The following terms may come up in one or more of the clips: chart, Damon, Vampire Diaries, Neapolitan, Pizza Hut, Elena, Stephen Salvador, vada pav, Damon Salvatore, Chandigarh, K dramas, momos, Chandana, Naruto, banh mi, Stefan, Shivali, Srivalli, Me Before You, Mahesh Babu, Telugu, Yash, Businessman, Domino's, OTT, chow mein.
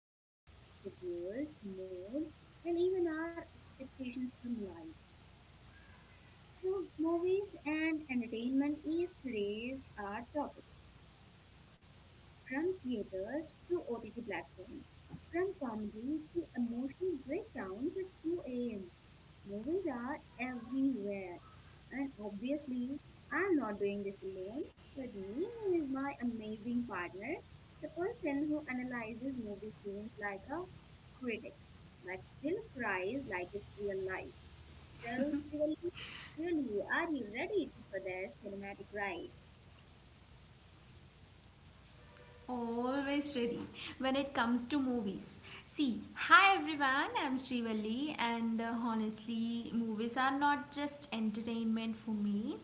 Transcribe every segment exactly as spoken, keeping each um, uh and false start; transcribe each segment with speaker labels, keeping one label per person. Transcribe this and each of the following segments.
Speaker 1: sleep, schedules, moods, and even our expectations from life. So, movies and entertainment is today's our topic. From theaters to O T T platforms, from comedy to emotional breakdowns at two a m. Movies are everywhere. And obviously, I'm not doing this alone. With me is my amazing partner, the person who analyzes movie scenes like a critic, but still cries like it's real life. So, Shivali, surely are you ready to- for this cinematic ride?
Speaker 2: Always ready when it comes to movies. See, hi everyone, I'm Srivalli, and uh, honestly, movies are not just entertainment for me,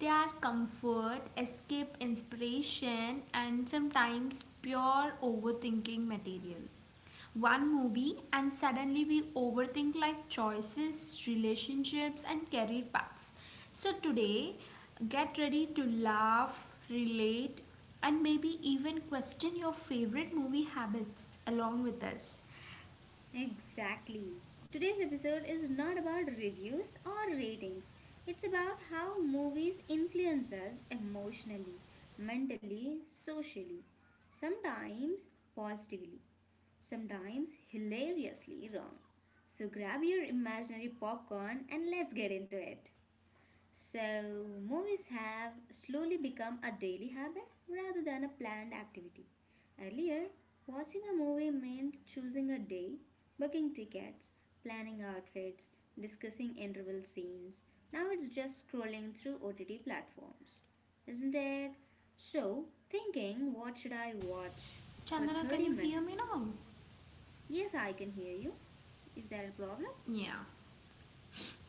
Speaker 2: they are comfort, escape, inspiration, and sometimes pure overthinking material. One movie and suddenly we overthink like choices, relationships, and career paths. So, today, get ready to laugh, relate, and maybe even question your favorite movie habits along with us.
Speaker 1: Exactly. Today's episode is not about reviews or ratings. It's about how movies influence us emotionally, mentally, socially,
Speaker 2: Chandana, you have missed your
Speaker 1: sometimes
Speaker 2: connection, I
Speaker 1: positively,
Speaker 2: think.
Speaker 1: sometimes hilariously wrong. So grab your imaginary popcorn and let's get into it. So, movies have slowly become a daily habit rather than a planned activity. Earlier, watching a movie meant choosing a day, booking tickets, planning outfits, discussing interval scenes. Now it's just scrolling through O T T platforms. Isn't it? So, thinking, what should I watch for
Speaker 2: Chandana, can
Speaker 1: thirty
Speaker 2: you hear me
Speaker 1: minutes?
Speaker 2: now?
Speaker 1: Yes, I can hear you. Is there a problem?
Speaker 2: Yeah.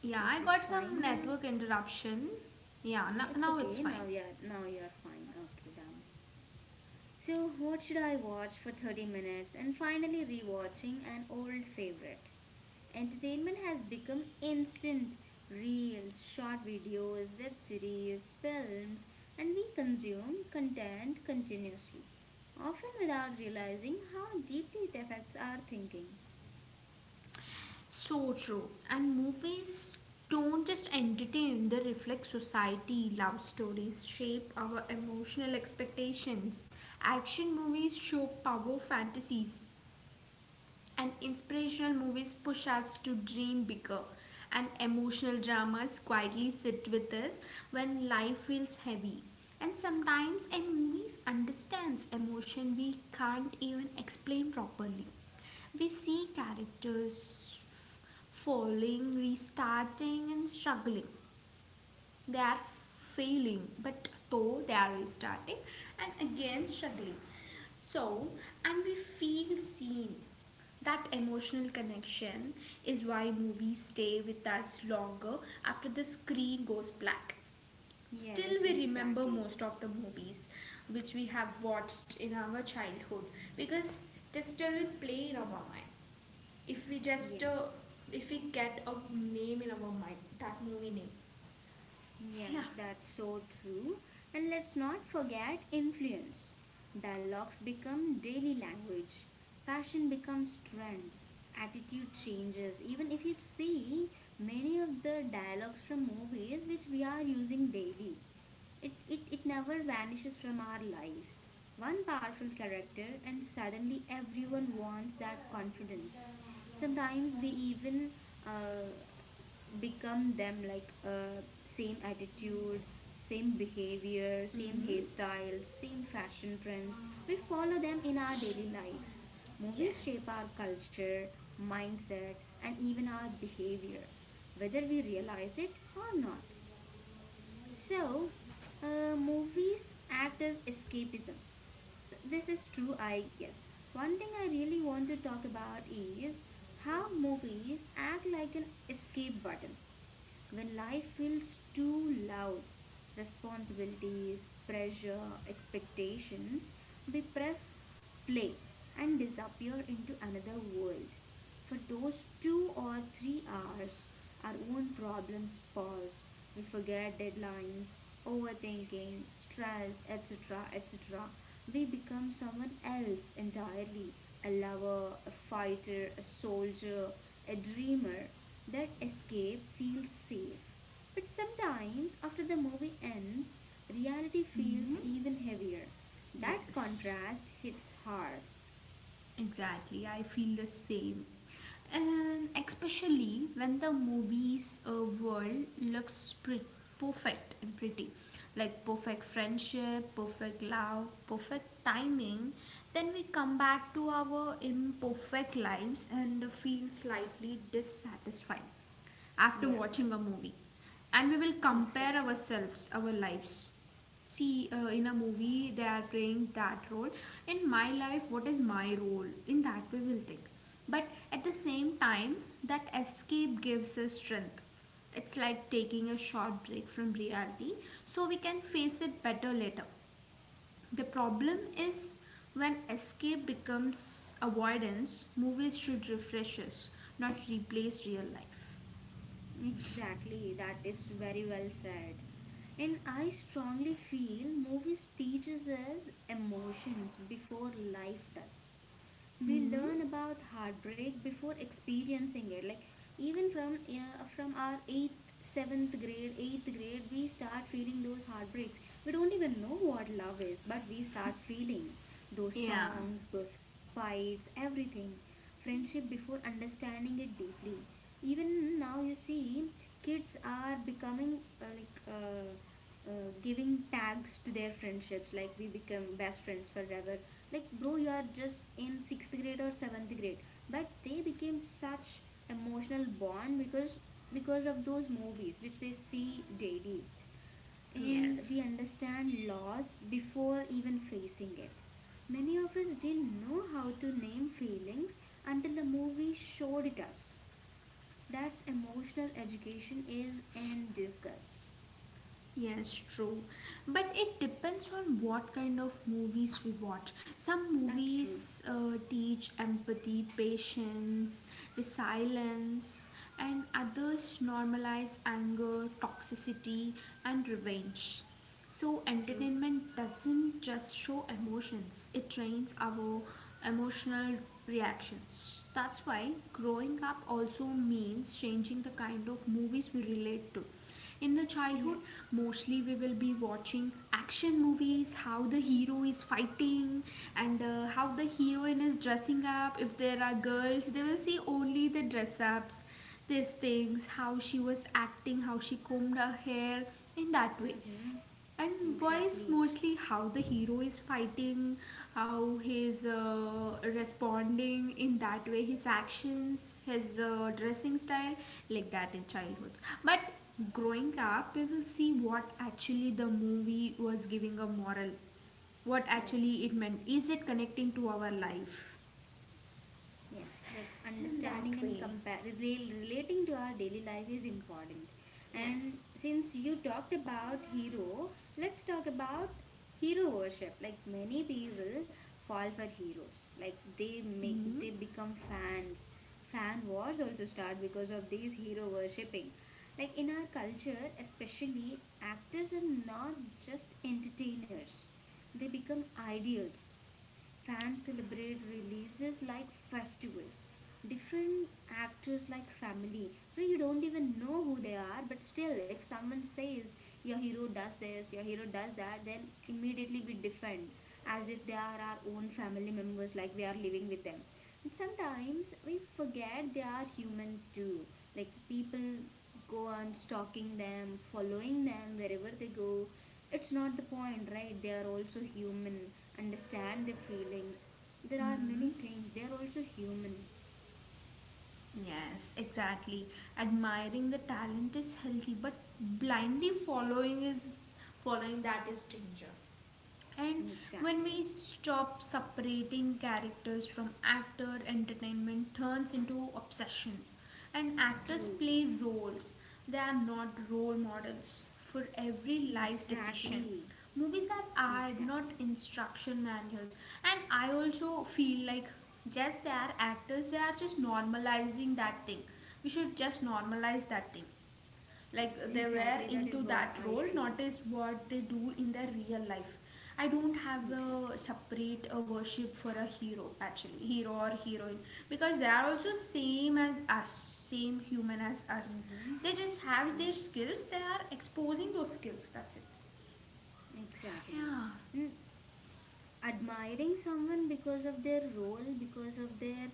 Speaker 2: Yeah, I
Speaker 1: Is it
Speaker 2: got some
Speaker 1: fine now?
Speaker 2: network interruption. Yeah,
Speaker 1: Yeah,
Speaker 2: n-
Speaker 1: it's
Speaker 2: now it's
Speaker 1: okay.
Speaker 2: fine.
Speaker 1: Now you're now you're fine. Okay, Dama. So what should I watch for thirty minutes and finally rewatching an old favorite? Entertainment has become instant reels, short videos, web series, films, and we consume content continuously, often without realizing how deeply it affects our thinking.
Speaker 2: So true. And movies don't just entertain, they reflect society. Love stories shape our emotional expectations. Action movies show power fantasies. And inspirational movies push us to dream bigger, and emotional dramas quietly sit with us when life feels heavy. And sometimes a movie understands emotion we can't even explain properly. We see characters falling, restarting, and struggling, they are failing but though they are restarting and again struggling, so and we feel seen. That emotional connection is why movies stay with us longer after the screen goes black. Still
Speaker 1: Yes,
Speaker 2: we remember
Speaker 1: exactly.
Speaker 2: most of the movies which we have watched in our childhood, because they still play in our mind if we just uh,
Speaker 1: Yes.
Speaker 2: if we get a name in our mind, that movie name. Yeah.
Speaker 1: Yes, that's so true. And let's not forget influence. Dialogues become daily language, fashion becomes trend, attitude changes. Even if you see many of the dialogues from movies which we are using daily, it, it, it never vanishes from our lives. One powerful character, and suddenly everyone wants that confidence. Sometimes we even uh, become them, like uh, same attitude, same behavior, same
Speaker 2: Mm-hmm.
Speaker 1: hairstyles, same fashion trends. We follow them in our daily lives. Movies shape our
Speaker 2: Yes.
Speaker 1: culture, mindset, and even our behavior, whether we realize it or not. So uh, movies act as escapism. S This is true, I guess. One thing I really want to talk about is how movies act like an escape button. When life feels too loud, responsibilities, pressure, expectations, we press play and disappear into another world. For those two or three hours, our own problems pause. We forget deadlines, overthinking, stress, et cetera et cetera. We become someone else entirely, a lover, a fighter, a soldier, a dreamer. That escape feels safe. But sometimes, after the movie ends, reality feels
Speaker 2: Hmm.
Speaker 1: even heavier. That
Speaker 2: Yes.
Speaker 1: contrast hits hard.
Speaker 2: Exactly, I feel the same. And especially when the movie's uh, world looks pre- perfect and pretty, like perfect friendship, perfect love, perfect timing, then we come back to our imperfect lives and feel slightly dissatisfied after
Speaker 1: Yeah,
Speaker 2: watching a movie. And we will compare
Speaker 1: exactly.
Speaker 2: ourselves, our lives, see, uh, in a movie they are playing that role, in my life what is my role, in that way we'll think. But at the same time, that escape gives us strength. It's like taking a short break from reality so we can face it better later. The problem is when escape becomes avoidance. Movies should refresh us, not replace real life.
Speaker 1: Exactly, that is very well said. And I strongly feel movies teaches us emotions before life does. We
Speaker 2: Hmm.
Speaker 1: learn about heartbreak before experiencing it, like even from uh, from our eighth seventh grade, eighth grade, we start feeling those heartbreaks. We don't even know what love is, but we start feeling those
Speaker 2: Yeah.
Speaker 1: songs, those fights, everything. Friendship before understanding it deeply. Even now you see, kids are becoming uh, like uh, uh, giving tags to their friendships, like we become best friends forever. Like, bro, you are just in sixth grade or seventh grade, but they became such emotional bond because because of those movies which they see daily. And we
Speaker 2: Yes.
Speaker 1: understand loss before even facing it. Many of us didn't know how to name feelings until the movie showed it us. That's emotional education is in disgust.
Speaker 2: Yes, true. But it depends on what kind of movies we watch. Some
Speaker 1: That's true.
Speaker 2: movies uh, teach empathy, patience, resilience, and others normalize anger, toxicity, and revenge. So,
Speaker 1: True.
Speaker 2: entertainment doesn't just show emotions, it trains our emotional reactions. That's why growing up also means changing the kind of movies we relate to. In the childhood,
Speaker 1: Yes.
Speaker 2: mostly we will be watching action movies, how the hero is fighting, and uh, how the heroine is dressing up. If there are girls, they will see only the dress ups, these things, how she was acting, how she combed her hair, in that way.
Speaker 1: Mm-hmm.
Speaker 2: And voice,
Speaker 1: Exactly.
Speaker 2: mostly how the hero is fighting, how he's uh, responding in that way, his actions, his uh, dressing style, like that in childhoods. But growing up, we will see what actually the movie was giving, a moral, what actually
Speaker 1: Yes.
Speaker 2: it meant. Is it connecting to our life?
Speaker 1: Yes, that's
Speaker 2: In
Speaker 1: understanding
Speaker 2: that
Speaker 1: and
Speaker 2: way,
Speaker 1: compare rel- relating to our daily life is important. And
Speaker 2: yes.
Speaker 1: since you talked about hero, let's talk about hero worship. Like many people fall for heroes. Like they make they become fans. Fan wars also start because of these hero worshipping. Like in our culture, especially actors are not just entertainers. They become ideals. Fans celebrate releases like festivals. Different actors like family, where you don't even know who they are, but still, if someone says your hero does this, your hero does that, then immediately we defend as if they are our own family members, like we are living with them. And sometimes we forget they are human too. Like people go on stalking them, following them wherever they go, it's not the point, right? They are also human. Understand their feelings. There are many
Speaker 2: Mm.
Speaker 1: things. They are also human.
Speaker 2: Yes, exactly. Admiring the talent is healthy, but blindly following is, following that is danger. And when
Speaker 1: Exactly.
Speaker 2: we stop separating characters from actor, entertainment turns into obsession. And actors
Speaker 1: True.
Speaker 2: play roles, they are not role models for every life decision.
Speaker 1: Exactly.
Speaker 2: Movies are art, not
Speaker 1: Exactly.
Speaker 2: instruction manuals. And I also feel like just they are actors, they are just normalizing that thing. We should just normalize that thing, like they were
Speaker 1: Exactly. That is
Speaker 2: into
Speaker 1: what
Speaker 2: that
Speaker 1: I
Speaker 2: role,
Speaker 1: feel.
Speaker 2: not as what they do in their real life. I don't have a
Speaker 1: Exactly.
Speaker 2: separate uh, worship for a hero, actually, hero or heroine, because they are also same as us, same human as us.
Speaker 1: Mm-hmm.
Speaker 2: They just have their
Speaker 1: Yes.
Speaker 2: skills, they are exposing those skills, that's it.
Speaker 1: Exactly.
Speaker 2: Yeah.
Speaker 1: Mm, admiring someone because of their role, because of their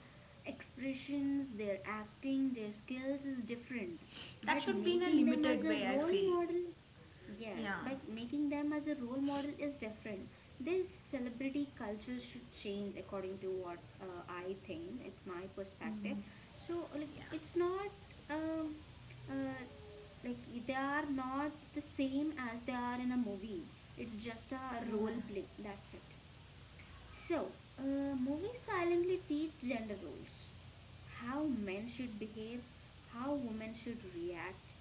Speaker 1: expressions, their acting, their skills is different.
Speaker 2: That
Speaker 1: But
Speaker 2: should be in a
Speaker 1: making them as
Speaker 2: limited
Speaker 1: a
Speaker 2: way, I
Speaker 1: role
Speaker 2: feel.
Speaker 1: model,
Speaker 2: Yeah.
Speaker 1: yes, but making them as a role model is different. This celebrity culture should change according to what uh, I think. It's my perspective.
Speaker 2: Mm.
Speaker 1: So, like,
Speaker 2: Yeah.
Speaker 1: it's not. Um, uh, like they are not the same as they are in a movie, it's just a
Speaker 2: Yeah.
Speaker 1: role play, that's it. So, uh, movies silently teach gender roles, how men should behave, how women should react,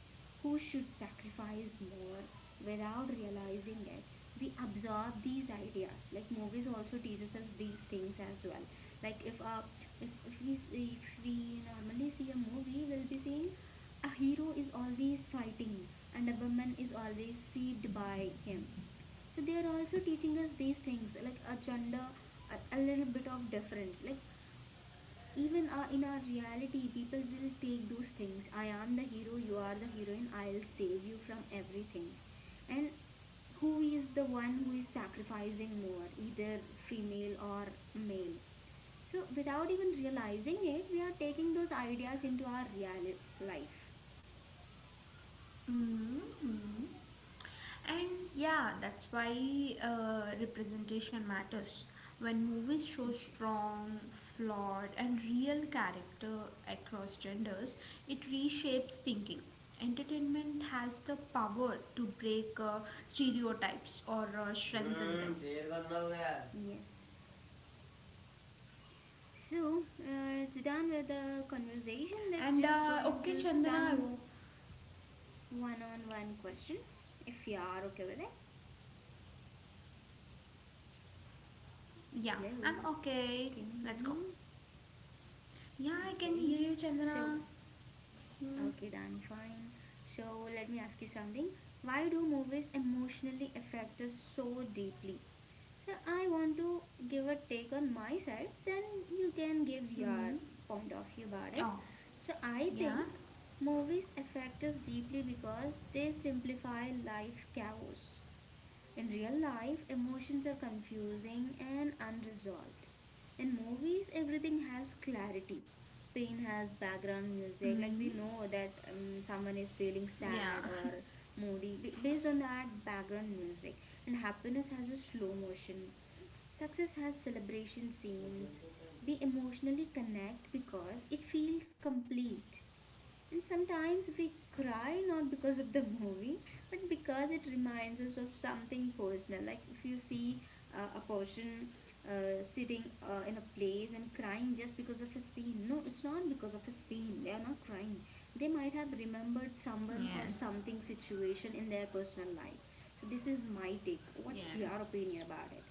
Speaker 1: who should sacrifice more without realizing it. We absorb these ideas. Like movies also teaches us these things as well. Like if uh, if, if we s- if we normally see a movie, we'll be seeing a hero is always fighting and a woman is always saved by him. So they are also teaching us these things, like a gender, a, a little bit of difference, like even uh, in our reality people will take those things. I am the hero, you are the heroine, I'll save you from everything. And who is the one who is sacrificing more, either female or male. So without even realizing it, we are taking those ideas into our real life.
Speaker 2: Mm-hmm. And yeah, that's why uh, representation matters. When movies show
Speaker 1: Yes.
Speaker 2: strong, flawed, and real character across genders, it reshapes thinking. Entertainment has the power to break uh, stereotypes or uh, strengthen them.
Speaker 1: हम्म शेर का अन्ना हो. Yes. So, uh, to done with the conversation, let's
Speaker 2: And
Speaker 1: just go
Speaker 2: uh, okay,
Speaker 1: into
Speaker 2: Chandana, I
Speaker 1: some
Speaker 2: wo-
Speaker 1: one on one questions if you are okay with it.
Speaker 2: yeah,
Speaker 1: Hello,
Speaker 2: I'm
Speaker 1: can you hear
Speaker 2: okay.
Speaker 1: me?
Speaker 2: Let's go. Yeah, I
Speaker 1: Okay,
Speaker 2: can hear you,
Speaker 1: so,
Speaker 2: Chandana. Mm-hmm.
Speaker 1: okay, done, fine. So, let me ask you something. Why do movies emotionally affect us so deeply? So I want to give a take on my side, then you can give your
Speaker 2: Mm-hmm.
Speaker 1: point of view about it.
Speaker 2: Oh,
Speaker 1: So I
Speaker 2: yeah.
Speaker 1: think movies affect us deeply because they simplify life chaos. In real life, emotions are confusing and unresolved. In movies, everything has clarity. Pain has background music, like
Speaker 2: Mm,
Speaker 1: we know that um, someone is feeling sad
Speaker 2: yeah.
Speaker 1: or moody b- based on that background music, and happiness has a slow motion. Success has celebration scenes. We emotionally connect because it feels complete. And sometimes we cry not because of the movie, but because it reminds us of something personal. Like if you see uh, a person uh, sitting uh, in a place and crying just because of a scene. No, it's not because of a scene. They are not crying. They might have remembered someone or
Speaker 2: Yes.
Speaker 1: something situation in their personal life. So this is my take. What's your
Speaker 2: Yes,
Speaker 1: opinion about it?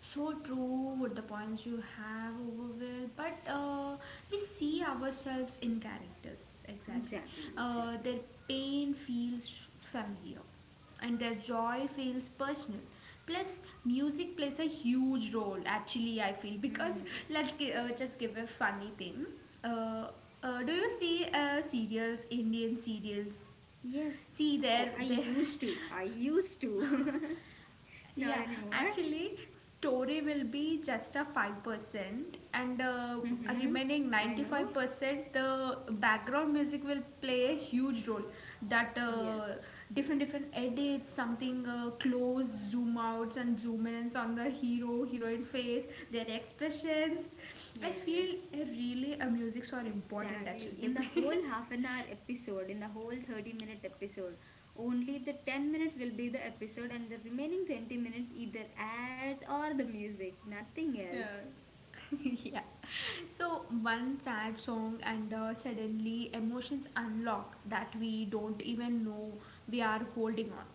Speaker 2: so true with the points you have over there, but uh, we see ourselves in characters exactly.
Speaker 1: Exactly,
Speaker 2: Uh,
Speaker 1: exactly.
Speaker 2: their pain feels familiar and their joy feels personal. Plus, music plays a huge role actually, I feel, because
Speaker 1: Hmm.
Speaker 2: let's give, uh, just give a funny thing. Uh, uh, do you see uh, serials, Indian serials?
Speaker 1: Yes,
Speaker 2: See,
Speaker 1: of course.
Speaker 2: there,
Speaker 1: I
Speaker 2: there.
Speaker 1: used to. I used to. Not
Speaker 2: Yeah,
Speaker 1: anymore.
Speaker 2: actually, story will be just a five percent, and uh,
Speaker 1: Mm-hmm.
Speaker 2: remaining
Speaker 1: I know.
Speaker 2: ninety-five percent, the background music will play a huge role. That uh,
Speaker 1: Yes.
Speaker 2: different different edits, something uh, close zoom outs and zoom ins on the hero, heroine face, their expressions. I feel
Speaker 1: Yes.
Speaker 2: uh, really uh, musics are important actually.
Speaker 1: Exactly.
Speaker 2: They
Speaker 1: In the
Speaker 2: play.
Speaker 1: whole half an hour episode, in the whole thirty minute episode, only the ten minutes will be the episode and the remaining twenty minutes either ads or the music. Nothing
Speaker 2: Yeah.
Speaker 1: else.
Speaker 2: Yeah. So, one sad song, and uh, suddenly emotions unlock that we don't even know we are holding on.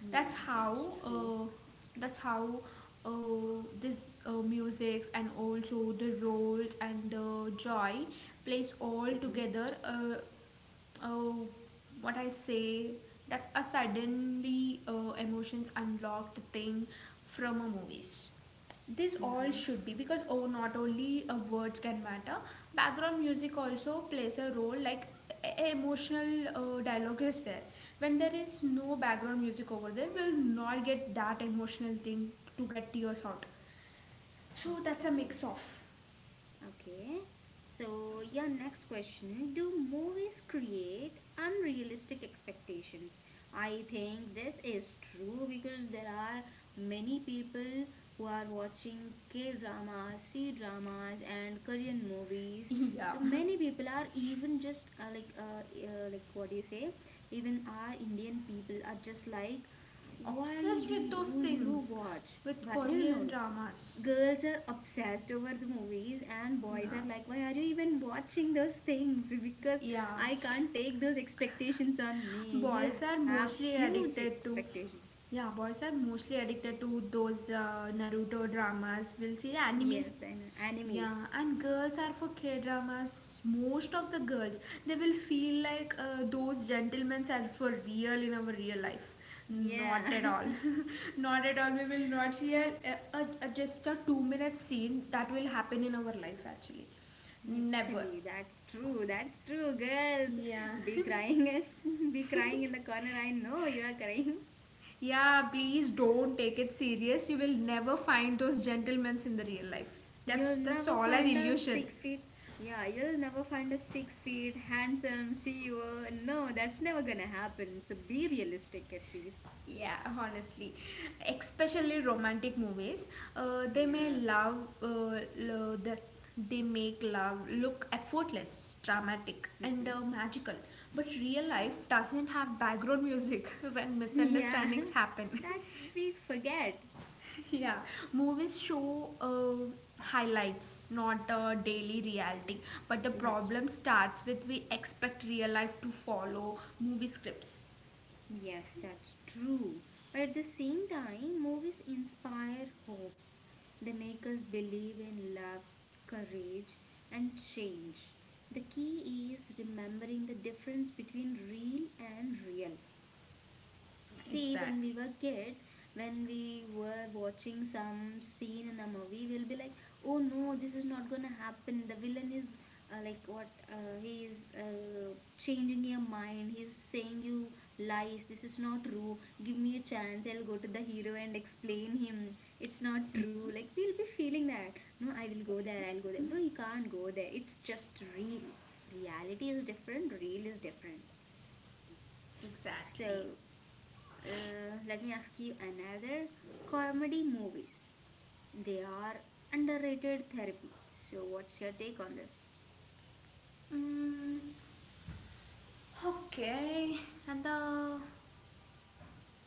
Speaker 1: Yeah,
Speaker 2: That's how,
Speaker 1: that's true.
Speaker 2: uh,
Speaker 1: That's true.
Speaker 2: that's how uh, this uh, musics and also the roles and uh, joy plays all
Speaker 1: Mm-hmm.
Speaker 2: together, uh, oh, what I say, that's a suddenly uh, emotions unlocked thing from a movies. This all
Speaker 1: Mm-hmm.
Speaker 2: should be because oh, not only uh, words can matter, background music also plays a role. Like e- e-, emotional uh, dialogue is there. When there is no background music over there, we'll not get that emotional thing to get tears out. So that's a
Speaker 1: Okay.
Speaker 2: mix of.
Speaker 1: Okay, so your next question, do movies create unrealistic expectations? I think this is true because there are many people who are watching K dramas, C dramas, and Korean movies.
Speaker 2: Yeah,
Speaker 1: So many people are even just uh, like uh, uh, like what do you say? Even our Indian people are just like, why
Speaker 2: obsessed
Speaker 1: do
Speaker 2: with those
Speaker 1: you, you
Speaker 2: things,
Speaker 1: watch?
Speaker 2: with
Speaker 1: Why? No, no, no. No,
Speaker 2: Korean dramas.
Speaker 1: girls are obsessed over the movies and boys
Speaker 2: Yeah,
Speaker 1: are like, why are you even watching those things because
Speaker 2: yeah.
Speaker 1: I can't take those expectations on me. You
Speaker 2: Boys are
Speaker 1: have
Speaker 2: mostly
Speaker 1: huge
Speaker 2: addicted to,
Speaker 1: expectations.
Speaker 2: yeah. Boys are mostly addicted to those uh, Naruto dramas. We'll see anime.
Speaker 1: Yes, and enemies.
Speaker 2: Yeah, and girls are for K dramas. Most of the girls, they will feel like uh, those gentlemen are for real in our real life.
Speaker 1: Yeah,
Speaker 2: Not at all. Not at all. We will not see a, a, a just a two minute scene that will happen in our life actually. Never.
Speaker 1: actually that's true, that's true. Girls
Speaker 2: Yeah.
Speaker 1: be crying, be crying in the corner, I know you are crying.
Speaker 2: Yeah, please don't take it serious. You will never find those gentlemen in the real life.
Speaker 1: You'll
Speaker 2: That's that's
Speaker 1: never
Speaker 2: all an
Speaker 1: find a
Speaker 2: illusion.
Speaker 1: six feet. Yeah, you'll never find a six feet handsome C E O. No, that's never gonna happen. So be realistic at least.
Speaker 2: Yeah, honestly, especially romantic movies, uh, they may
Speaker 1: Yeah.
Speaker 2: love uh, lo- that they make love look effortless, dramatic, and
Speaker 1: Mm-hmm.
Speaker 2: uh, magical. But real
Speaker 1: Mm.
Speaker 2: life doesn't have background music when
Speaker 1: Yeah,
Speaker 2: misunderstandings happen.
Speaker 1: that we forget.
Speaker 2: Yeah, movies show uh, highlights, not uh, daily reality. But the
Speaker 1: That's true.
Speaker 2: problem starts with we expect real life to follow movie scripts.
Speaker 1: Yes, that's true. But at the same time, movies inspire hope. They make us believe in love, courage, and change. The key is remembering the difference between real and real. See, when
Speaker 2: Exactly.
Speaker 1: we were kids, when we were watching some scene in a movie, we'll be like, "Oh no, this is not gonna happen. The villain is uh, like what? Uh, he is uh, changing your mind. He's saying you lies. This is not true. Give me a chance. I'll go to the hero and explain him. It's not true." Like we'll be feeling that. No, I will go there.
Speaker 2: Yes.
Speaker 1: I'll go there. Bro, you can't go there. It's just real. Reality is different. Real is different.
Speaker 2: Exactly.
Speaker 1: So uh, let me ask you another, comedy movies. They are underrated therapy. So, what's your take on this?
Speaker 2: Mm, okay, and the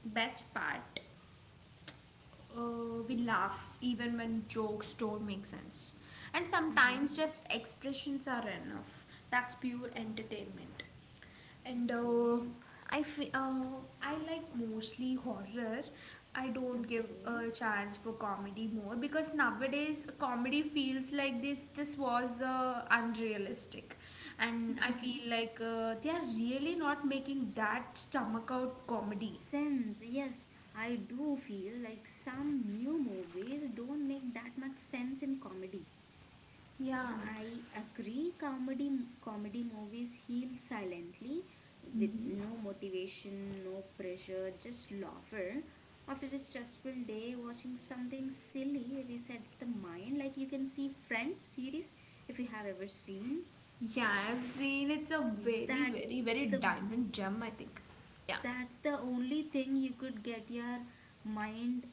Speaker 2: best part, uh, we laugh even when jokes don't make sense. And
Speaker 1: Mm-hmm.
Speaker 2: sometimes just expressions are enough. That's pure entertainment. And uh,
Speaker 1: Okay,
Speaker 2: I fe- uh, I like mostly horror. I don't give
Speaker 1: okay.
Speaker 2: a chance for comedy more because nowadays comedy feels like this this was uh, unrealistic. And I
Speaker 1: Mm-hmm.
Speaker 2: feel like uh, they are really not making that stomach out comedy.
Speaker 1: Sense, yes, I do feel like some new movies don't make that much sense in comedy.
Speaker 2: Yeah.
Speaker 1: Yeah, I agree. Comedy comedy movies heal silently, with
Speaker 2: Mhm.
Speaker 1: no motivation, no pressure, just laughter. After a stressful day, watching something silly resets the mind. Like you can see Friends series if you have ever seen.
Speaker 2: Yeah, I've seen, it's a very,
Speaker 1: That's
Speaker 2: very, very
Speaker 1: the
Speaker 2: diamond gem, I think. Yeah.
Speaker 1: that's the only thing you could get your mind.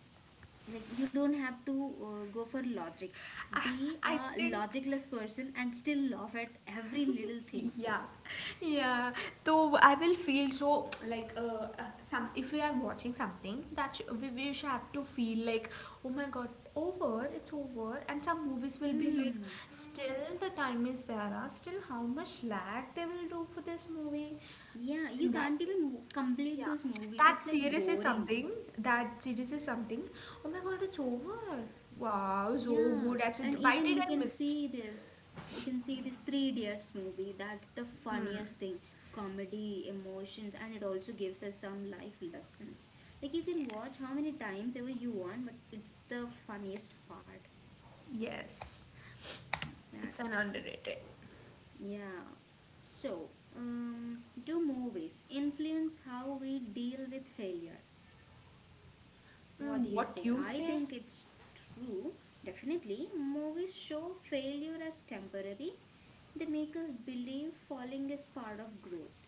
Speaker 1: Like you don't have to uh, go for logic.
Speaker 2: I,
Speaker 1: Be
Speaker 2: I
Speaker 1: a
Speaker 2: think.
Speaker 1: logicless person and still laugh at every little thing.
Speaker 2: Yeah. Yeah. So I will feel so like uh, uh, some, if we are watching something that sh- we, we should have to feel like, oh my god, over, it's over. And some movies will be like,
Speaker 1: Hmm.
Speaker 2: still the time is there. Ah, still how much lag they will do for this movie,
Speaker 1: Yeah, you
Speaker 2: in that
Speaker 1: can't
Speaker 2: way.
Speaker 1: even w- complete
Speaker 2: Yeah,
Speaker 1: those movies.
Speaker 2: that
Speaker 1: It's like
Speaker 2: series is
Speaker 1: boring.
Speaker 2: something. That series is something. Oh my god, it's over. Wow, so
Speaker 1: Yeah,
Speaker 2: good.
Speaker 1: and
Speaker 2: Actually, why
Speaker 1: even you
Speaker 2: did I
Speaker 1: can
Speaker 2: miss?
Speaker 1: see this. You can see this Three Idiots movie. That's the
Speaker 2: Hmm.
Speaker 1: funniest thing. Comedy, emotions, and it also gives us some life lessons. Like you can watch how
Speaker 2: Yes,
Speaker 1: many times ever you want, but it's the funniest part.
Speaker 2: yes, it's
Speaker 1: That's
Speaker 2: an
Speaker 1: true.
Speaker 2: underrated.
Speaker 1: Yeah. So, um, do movies influence how we deal with failure? What
Speaker 2: Hmm,
Speaker 1: do you
Speaker 2: what
Speaker 1: say?
Speaker 2: you
Speaker 1: I
Speaker 2: say?
Speaker 1: think it's true. Definitely, movies show failure as temporary. They make us believe falling is part of growth.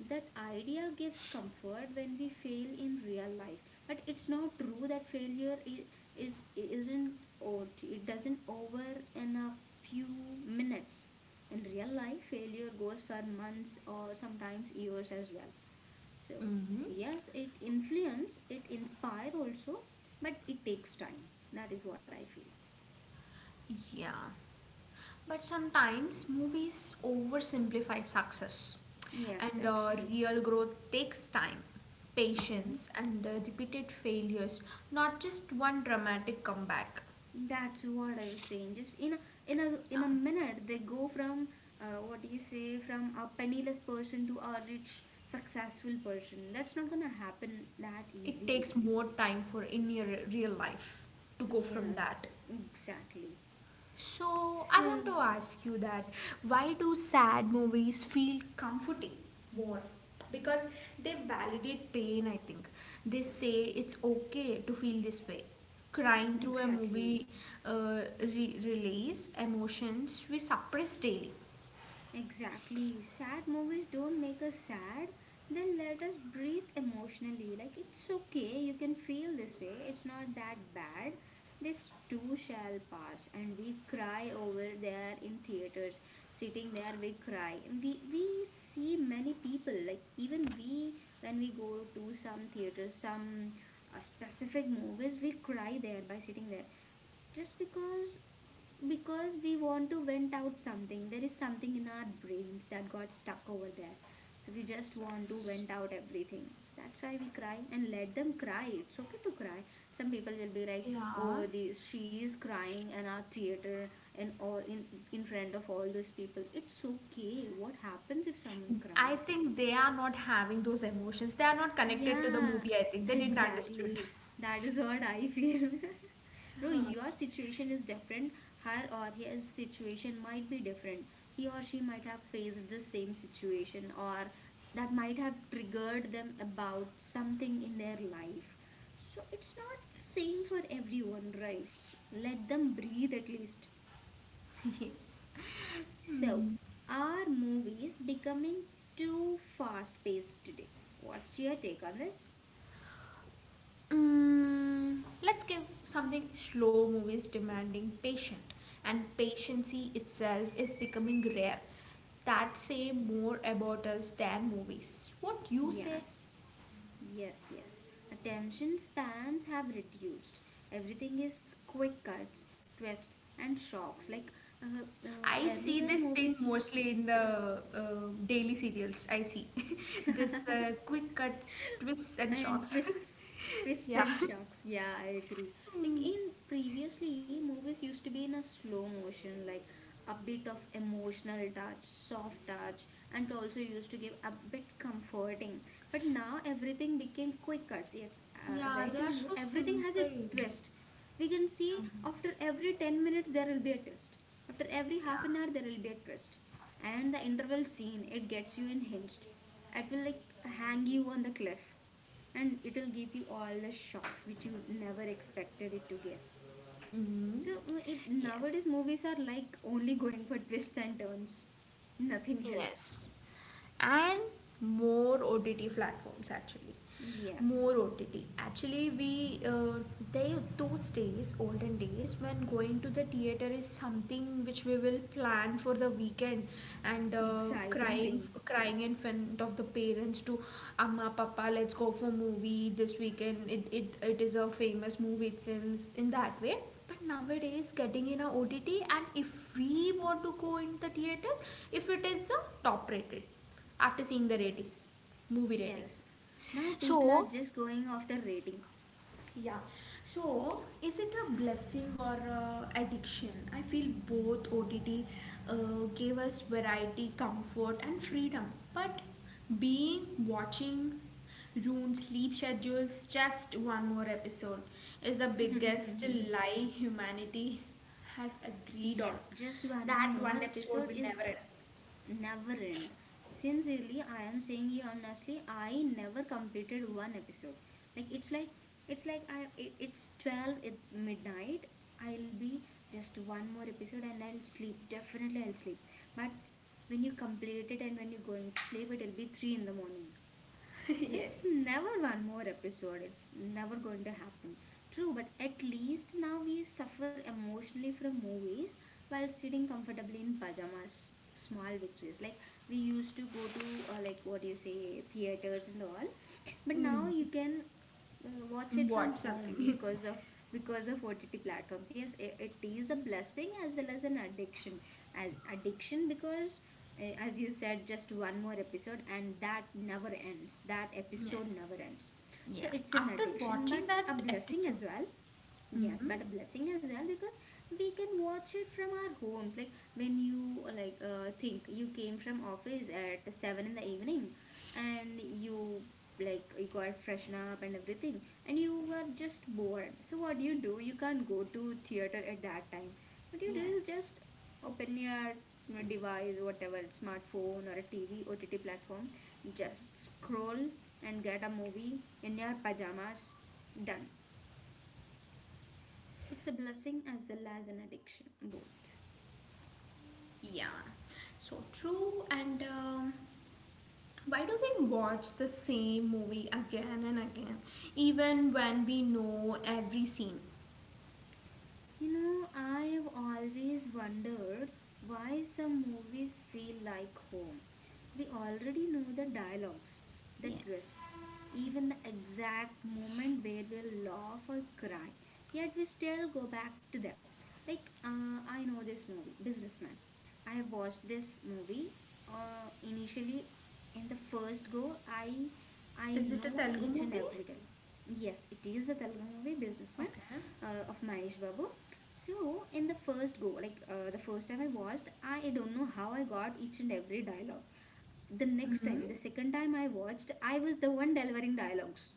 Speaker 1: That idea gives comfort when we fail in real life. But it's not true that failure is, is isn't or it doesn't over in a few minutes. In real life, failure goes for months or sometimes years as well, so
Speaker 2: Mm-hmm.
Speaker 1: yes, it influence, it inspire also, but it takes time. That is what I feel.
Speaker 2: Yeah, but sometimes movies oversimplify success,
Speaker 1: Yes,
Speaker 2: and
Speaker 1: that's
Speaker 2: uh,
Speaker 1: true.
Speaker 2: real growth takes time,
Speaker 1: Hmm.
Speaker 2: patience, and uh, repeated failures, not just one dramatic comeback.
Speaker 1: That's what I was saying, just in a in a in a minute they go from, uh, what do you say, from a penniless person to a rich successful person. That's not gonna happen that
Speaker 2: It
Speaker 1: easily.
Speaker 2: takes more time for in your real life to go from
Speaker 1: Yes,
Speaker 2: that.
Speaker 1: exactly.
Speaker 2: So I
Speaker 1: So
Speaker 2: want to ask you that, why do sad movies feel comforting more? Because they validate pain, I think. They say it's okay to feel this way. Crying through a
Speaker 1: exactly.
Speaker 2: movie, uh, re- release emotions we suppress daily.
Speaker 1: Exactly. Sad movies don't make us sad. They let us breathe emotionally. Like, it's okay, you can feel this way. It's not that bad. This too shall pass. And we cry over there in theaters. Sitting there, we cry. And we, we see many people. Like, even we, when we go to some theaters, some uh, specific movies, we cry there by sitting there. Just because because we want to vent out something. There is something in our brains that got stuck over there, so we just want to
Speaker 2: Yes.
Speaker 1: vent out everything. So that's why we cry, and let them cry. It's okay to cry. Some people will be like,
Speaker 2: Yeah,
Speaker 1: oh, this, she is crying in our theater, and all in in front of all those people. It's okay. What happens if someone
Speaker 2: I
Speaker 1: cries?
Speaker 2: think they are not having those emotions, they are not connected to the
Speaker 1: Yeah,
Speaker 2: movie, I think they didn't understood.
Speaker 1: exactly. That is what I feel. Bro, your situation is different. Her or his situation might be different. He or she might have faced the same situation, or that might have triggered them about something in their life. So it's not same
Speaker 2: Yes.
Speaker 1: for everyone, right? Let them breathe at least.
Speaker 2: Yes.
Speaker 1: So, are movies becoming too fast paced today? What's your take on this?
Speaker 2: Mm, let's give something, slow movies demanding patient, and patiency itself is becoming rare. That say more about us than movies, what you say.
Speaker 1: Yes. Yes, yes. Attention spans have reduced. Everything is quick cuts, twists, and shocks. Like uh, uh,
Speaker 2: I see
Speaker 1: earlier,
Speaker 2: this thing
Speaker 1: movies used to
Speaker 2: mostly
Speaker 1: be.
Speaker 2: in the uh, daily serials I see. This uh, quick cuts, twists and
Speaker 1: And
Speaker 2: shocks.
Speaker 1: twists twists
Speaker 2: Yeah.
Speaker 1: and shocks, yeah, I agree. Like in previously movies used to be in a slow motion, like a bit of emotional touch, soft touch, and also used to give a bit comforting. But now everything became quick cuts. Yes, uh, as I
Speaker 2: Yeah, they are
Speaker 1: told you,
Speaker 2: so
Speaker 1: everything has a
Speaker 2: simple.
Speaker 1: twist. We can see
Speaker 2: Yeah,
Speaker 1: after every ten minutes there will be a twist. After every
Speaker 2: yeah.
Speaker 1: half an hour there will be a twist. And the interval scene, it gets you unhinged. It will like hang you on the cliff, and it'll give you all the shocks which you never expected it to get.
Speaker 2: Hmm.
Speaker 1: So mm, if nowadays
Speaker 2: Yes.
Speaker 1: movies are like only going for twists and turns, nothing else.
Speaker 2: Yes. And more O T T platforms actually.
Speaker 1: Yes,
Speaker 2: More O T T. Actually, we uh, there are those days, olden days, when going to the theater is something which we will plan for the weekend, and uh,
Speaker 1: exciting
Speaker 2: crying,
Speaker 1: thing.
Speaker 2: crying in front of the parents to, Amma, Papa, let's go for movie this weekend. It it, it is a famous movie, it seems, in that way. But nowadays, getting in a O T T, and if we want to go in the theaters, if it is a top rated, after seeing the rating,
Speaker 1: Yes,
Speaker 2: movie rating.
Speaker 1: yes. Now people are
Speaker 2: So
Speaker 1: just going after rating.
Speaker 2: yeah. So, is it a blessing or a addiction? I feel both. O T T uh, gave us variety, comfort, and freedom. But being watching ruined sleep schedules, just one more episode, is the biggest lie humanity has agreed on.
Speaker 1: Yes, just one
Speaker 2: That
Speaker 1: more
Speaker 2: one episode
Speaker 1: episode
Speaker 2: will never
Speaker 1: is
Speaker 2: end.
Speaker 1: never end. Sincerely, I am saying you honestly, I never completed one episode. Like it's like it's like I it, it's twelve at midnight. I'll be just one more episode and I'll sleep. Definitely I'll sleep. But when you complete it and when you're going to sleep, it'll be three in the morning. It's
Speaker 2: Yes.
Speaker 1: never one more episode. It's never going to happen. True, but at least now we suffer emotionally from movies while sitting comfortably in pajamas. Small victories. Like we used to go to, uh, like what do you say, theaters and all. But now
Speaker 2: Mm,
Speaker 1: you can uh, watch it
Speaker 2: watch
Speaker 1: from home
Speaker 2: something.
Speaker 1: because of because of O T T platforms. Yes, it, it is a blessing as well as an addiction. As addiction because uh, as you said, just one more episode, and that never ends. That episode never
Speaker 2: Yes.
Speaker 1: ends. So
Speaker 2: Yeah.
Speaker 1: it's an
Speaker 2: After
Speaker 1: addiction, but
Speaker 2: watching that
Speaker 1: a blessing
Speaker 2: episode.
Speaker 1: as well. Yes,
Speaker 2: Hmm.
Speaker 1: but a blessing as well because we can watch it from our homes. Like when you uh, like uh, think you came from office at seven in the evening, and you like you got freshen up and everything, and you were just bored. So what do you do? You can't go to theater at that time. What you do is
Speaker 2: Yes,
Speaker 1: just open your you know, device, whatever smartphone or a T V O T T platform, just scroll and get a movie in your pajamas. Done. It's a blessing as well as an addiction, both.
Speaker 2: yeah, so true. And um, why do we watch the same movie again and again, even when we know every scene?
Speaker 1: You know, I have always wondered why some movies feel like home. We already know the dialogues, the
Speaker 2: Yes.
Speaker 1: twists, even the exact moment where we'll laugh or cry, yet we still go back to them. Like, uh, I know this movie, Businessman. I have watched this movie uh, initially in the first go. I I
Speaker 2: Is it a
Speaker 1: know
Speaker 2: Telugu
Speaker 1: each and
Speaker 2: movie?
Speaker 1: every dialogue. Yes, it is a Telugu movie, Businessman,
Speaker 2: Okay.
Speaker 1: uh, of Mahesh Babu. So in the first go, like uh, the first time I watched, I don't know how I got each and every dialogue. The next
Speaker 2: Mm.
Speaker 1: time, the second time I watched, I was the one delivering dialogues,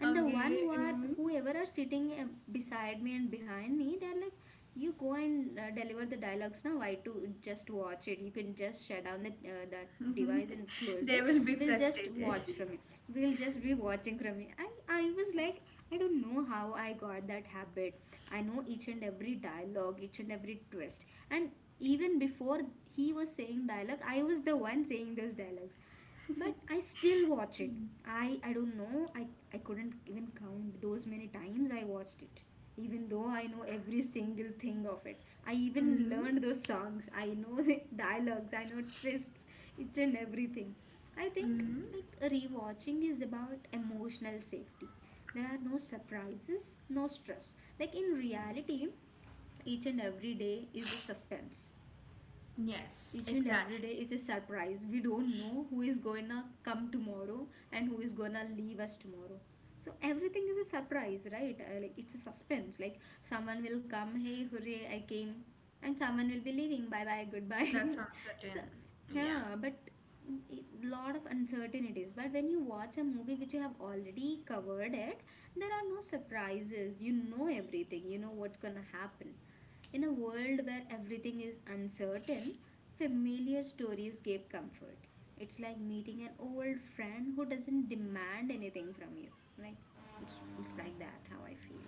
Speaker 1: and the one
Speaker 2: Okay.
Speaker 1: who are
Speaker 2: Mm.
Speaker 1: whoever are sitting uh, beside me and behind me, they're like, you go and uh, deliver the dialogues now. Why to just watch it? You can just shut down that uh, that device and close
Speaker 2: They
Speaker 1: it.
Speaker 2: will be
Speaker 1: We'll just
Speaker 2: frustrated.
Speaker 1: watch from it. We'll just be watching from it. I i was like, I don't know how I got that habit. I know each and every dialogue, each and every twist, and even before he was saying dialogue, I was the one saying those dialogues. But I still watch it. I I don't know. I I couldn't even count those many times I watched it. Even though I know every single thing of it, I even
Speaker 2: Mm.
Speaker 1: learned those songs. I know the dialogues. I know twists, each and everything. I think
Speaker 2: Mm.
Speaker 1: like rewatching is about emotional safety. There are no surprises, no stress. Like in reality, each and every day is a suspense.
Speaker 2: Yes,
Speaker 1: Each and every
Speaker 2: exactly.
Speaker 1: day is a surprise. We don't know who is gonna come tomorrow and who is gonna leave us tomorrow. So everything is a surprise, right? Uh, like it's a suspense. Like someone will come, hey, hooray, I came, and someone will be leaving, bye bye,
Speaker 2: That's
Speaker 1: goodbye. So
Speaker 2: uncertain. Yeah.
Speaker 1: yeah, but it- lot of uncertainties. But when you watch a movie which you have already covered it, there are no surprises. You know everything. You know what's gonna happen. In a world where everything is uncertain, familiar stories gave comfort. It's like meeting an old friend who doesn't demand anything from you. Like, it's, it's like that how I feel.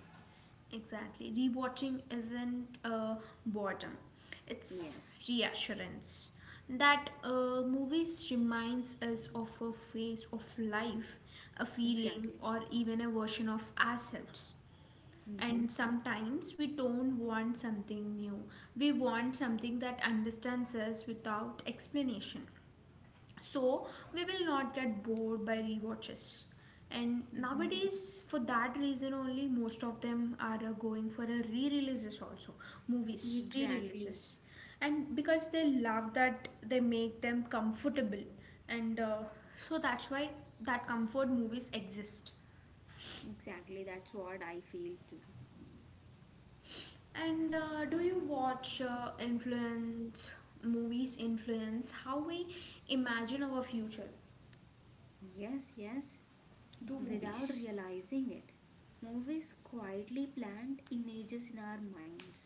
Speaker 2: Exactly. Rewatching isn't uh, boredom, it's
Speaker 1: Yes,
Speaker 2: reassurance. That uh, movies reminds us of a phase of life, a feeling,
Speaker 1: exactly.
Speaker 2: or even a version of ourselves.
Speaker 1: Mm-hmm.
Speaker 2: And sometimes we don't want something new. We want something that understands us without explanation, so we will not get bored by rewatches. And
Speaker 1: Mm-hmm.
Speaker 2: nowadays, for that reason only, most of them are uh, going for a re-releases also, movies
Speaker 1: Exactly.
Speaker 2: re-releases, and because they love that, they make them comfortable. And uh, so that's why that comfort movies exist.
Speaker 1: Exactly. That's what I feel too.
Speaker 2: And uh, do you watch uh, influence, movies influence how we imagine our future,
Speaker 1: Yes, yes.
Speaker 2: do
Speaker 1: Without
Speaker 2: movies?
Speaker 1: realizing it. Movies quietly plant images in our minds,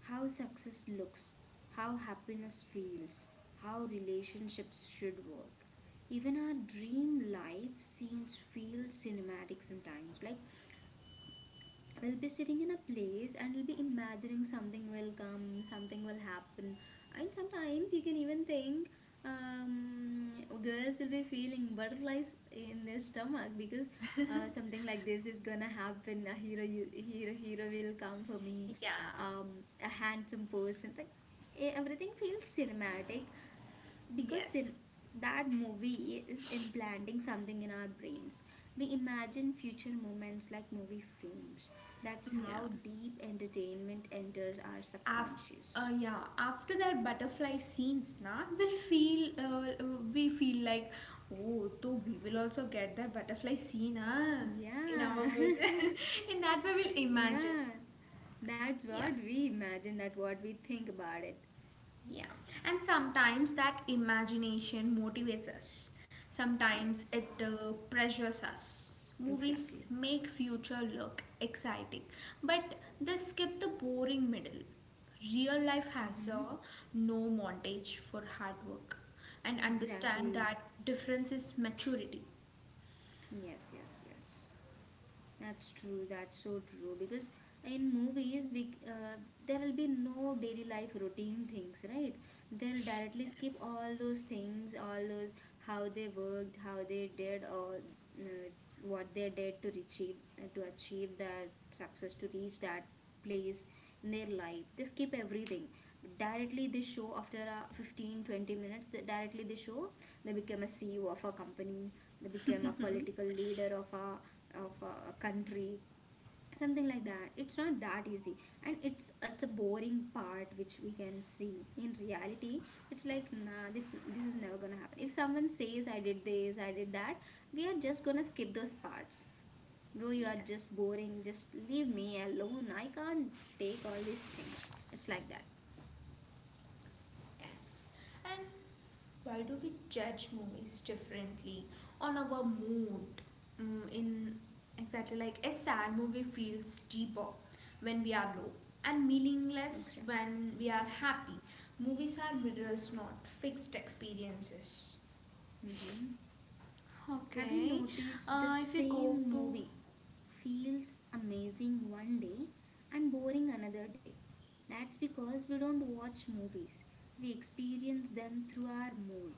Speaker 1: how success looks, how happiness feels, how relationships should work. Even our dream life scenes feel cinematic sometimes, like we'll be sitting in a place and we'll be imagining something will come, something will happen. And sometimes you can even think um, girls will be feeling butterflies in their stomach because uh, something like this is gonna happen. A hero, hero, hero will come for me.
Speaker 2: Yeah,
Speaker 1: Um, a handsome person. Like, e- everything feels cinematic because in
Speaker 2: yes.
Speaker 1: that movie is implanting something in our brains. We imagine future moments like movie frames. That's
Speaker 2: Yeah.
Speaker 1: how deep entertainment enters our
Speaker 2: After
Speaker 1: subconscious.
Speaker 2: uh, yeah, after that butterfly scenes, na, we'll feel uh, we feel like, oh, so we will also get that butterfly scene, ah, in
Speaker 1: Yeah
Speaker 2: our future. In that way, we'll imagine.
Speaker 1: Yeah, that's
Speaker 2: Yeah.
Speaker 1: what we imagine, that what we think about it.
Speaker 2: Yeah, and sometimes that imagination motivates us. Sometimes
Speaker 1: Yes,
Speaker 2: it uh, pressures us. Movies
Speaker 1: exactly.
Speaker 2: make future look exciting, but they skip the boring middle. Real life has
Speaker 1: Mm-hmm.
Speaker 2: a no montage for hard work, and understand
Speaker 1: Exactly.
Speaker 2: that difference is maturity.
Speaker 1: Yes, yes, yes. That's true. That's so true. Because in movies, we uh, there will be no daily life routine things, right? They'll directly skip
Speaker 2: Yes,
Speaker 1: all those things, all those how they worked, how they did, or uh, what they did to achieve, uh, to achieve that success, to reach that place in their life. They skip everything. Directly, they show after uh, fifteen twenty minutes, they, directly they show they become a C E O of a company, they become a political leader of a of a country, something like that. It's not that easy, and it's it's a boring part which we can see in reality. It's like, nah, this this is never gonna happen. If someone says I did this, I did that, we are just gonna skip those parts. Bro, you are just
Speaker 2: yes,
Speaker 1: boring, just leave me alone, I can't take all these things. It's like that.
Speaker 2: yes. And why do we judge movies differently on our mood? Mm, in exactly like a sad movie feels deeper when we are low and meaningless
Speaker 1: Exactly.
Speaker 2: when we are happy. Movies are mirrors, not fixed experiences.
Speaker 1: Have you
Speaker 2: Okay,
Speaker 1: noticed the
Speaker 2: uh, if you go
Speaker 1: same
Speaker 2: to,
Speaker 1: movie feels amazing one day and boring another day? That's because we don't watch movies. We experience them through our mood.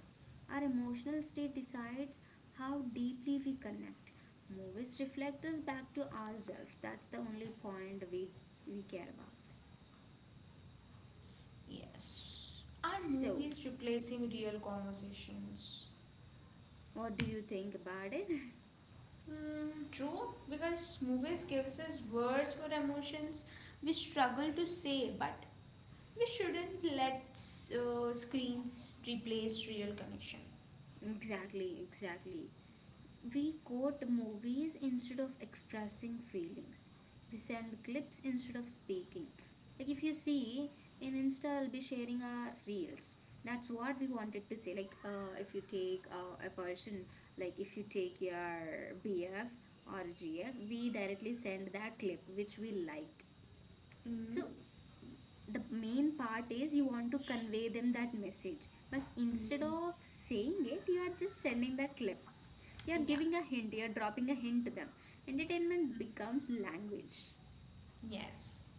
Speaker 1: Our emotional state decides how deeply we connect. Movies reflect us back to ourselves. That's the only point we, we care about.
Speaker 2: yes, are
Speaker 1: So,
Speaker 2: movies replacing real conversations?
Speaker 1: what do you think about it?
Speaker 2: Mm, true, because movies gives us words for emotions we struggle to say, but we shouldn't let uh, screens replace real connection.
Speaker 1: Exactly, exactly. We quote movies instead of expressing feelings. We send clips instead of speaking. Like if you see in Insta, I'll be sharing our reels. That's what we wanted to say. Like uh, if you take uh, a person, like if you take your B F or G F, we directly send that clip which we liked.
Speaker 2: Mm.
Speaker 1: So the main part is you want to convey them that message, but instead
Speaker 2: Mm,
Speaker 1: of saying it, you are just sending that clip. You're
Speaker 2: yeah.
Speaker 1: giving a hint, you're dropping a hint to them. Entertainment becomes language.
Speaker 2: Yes.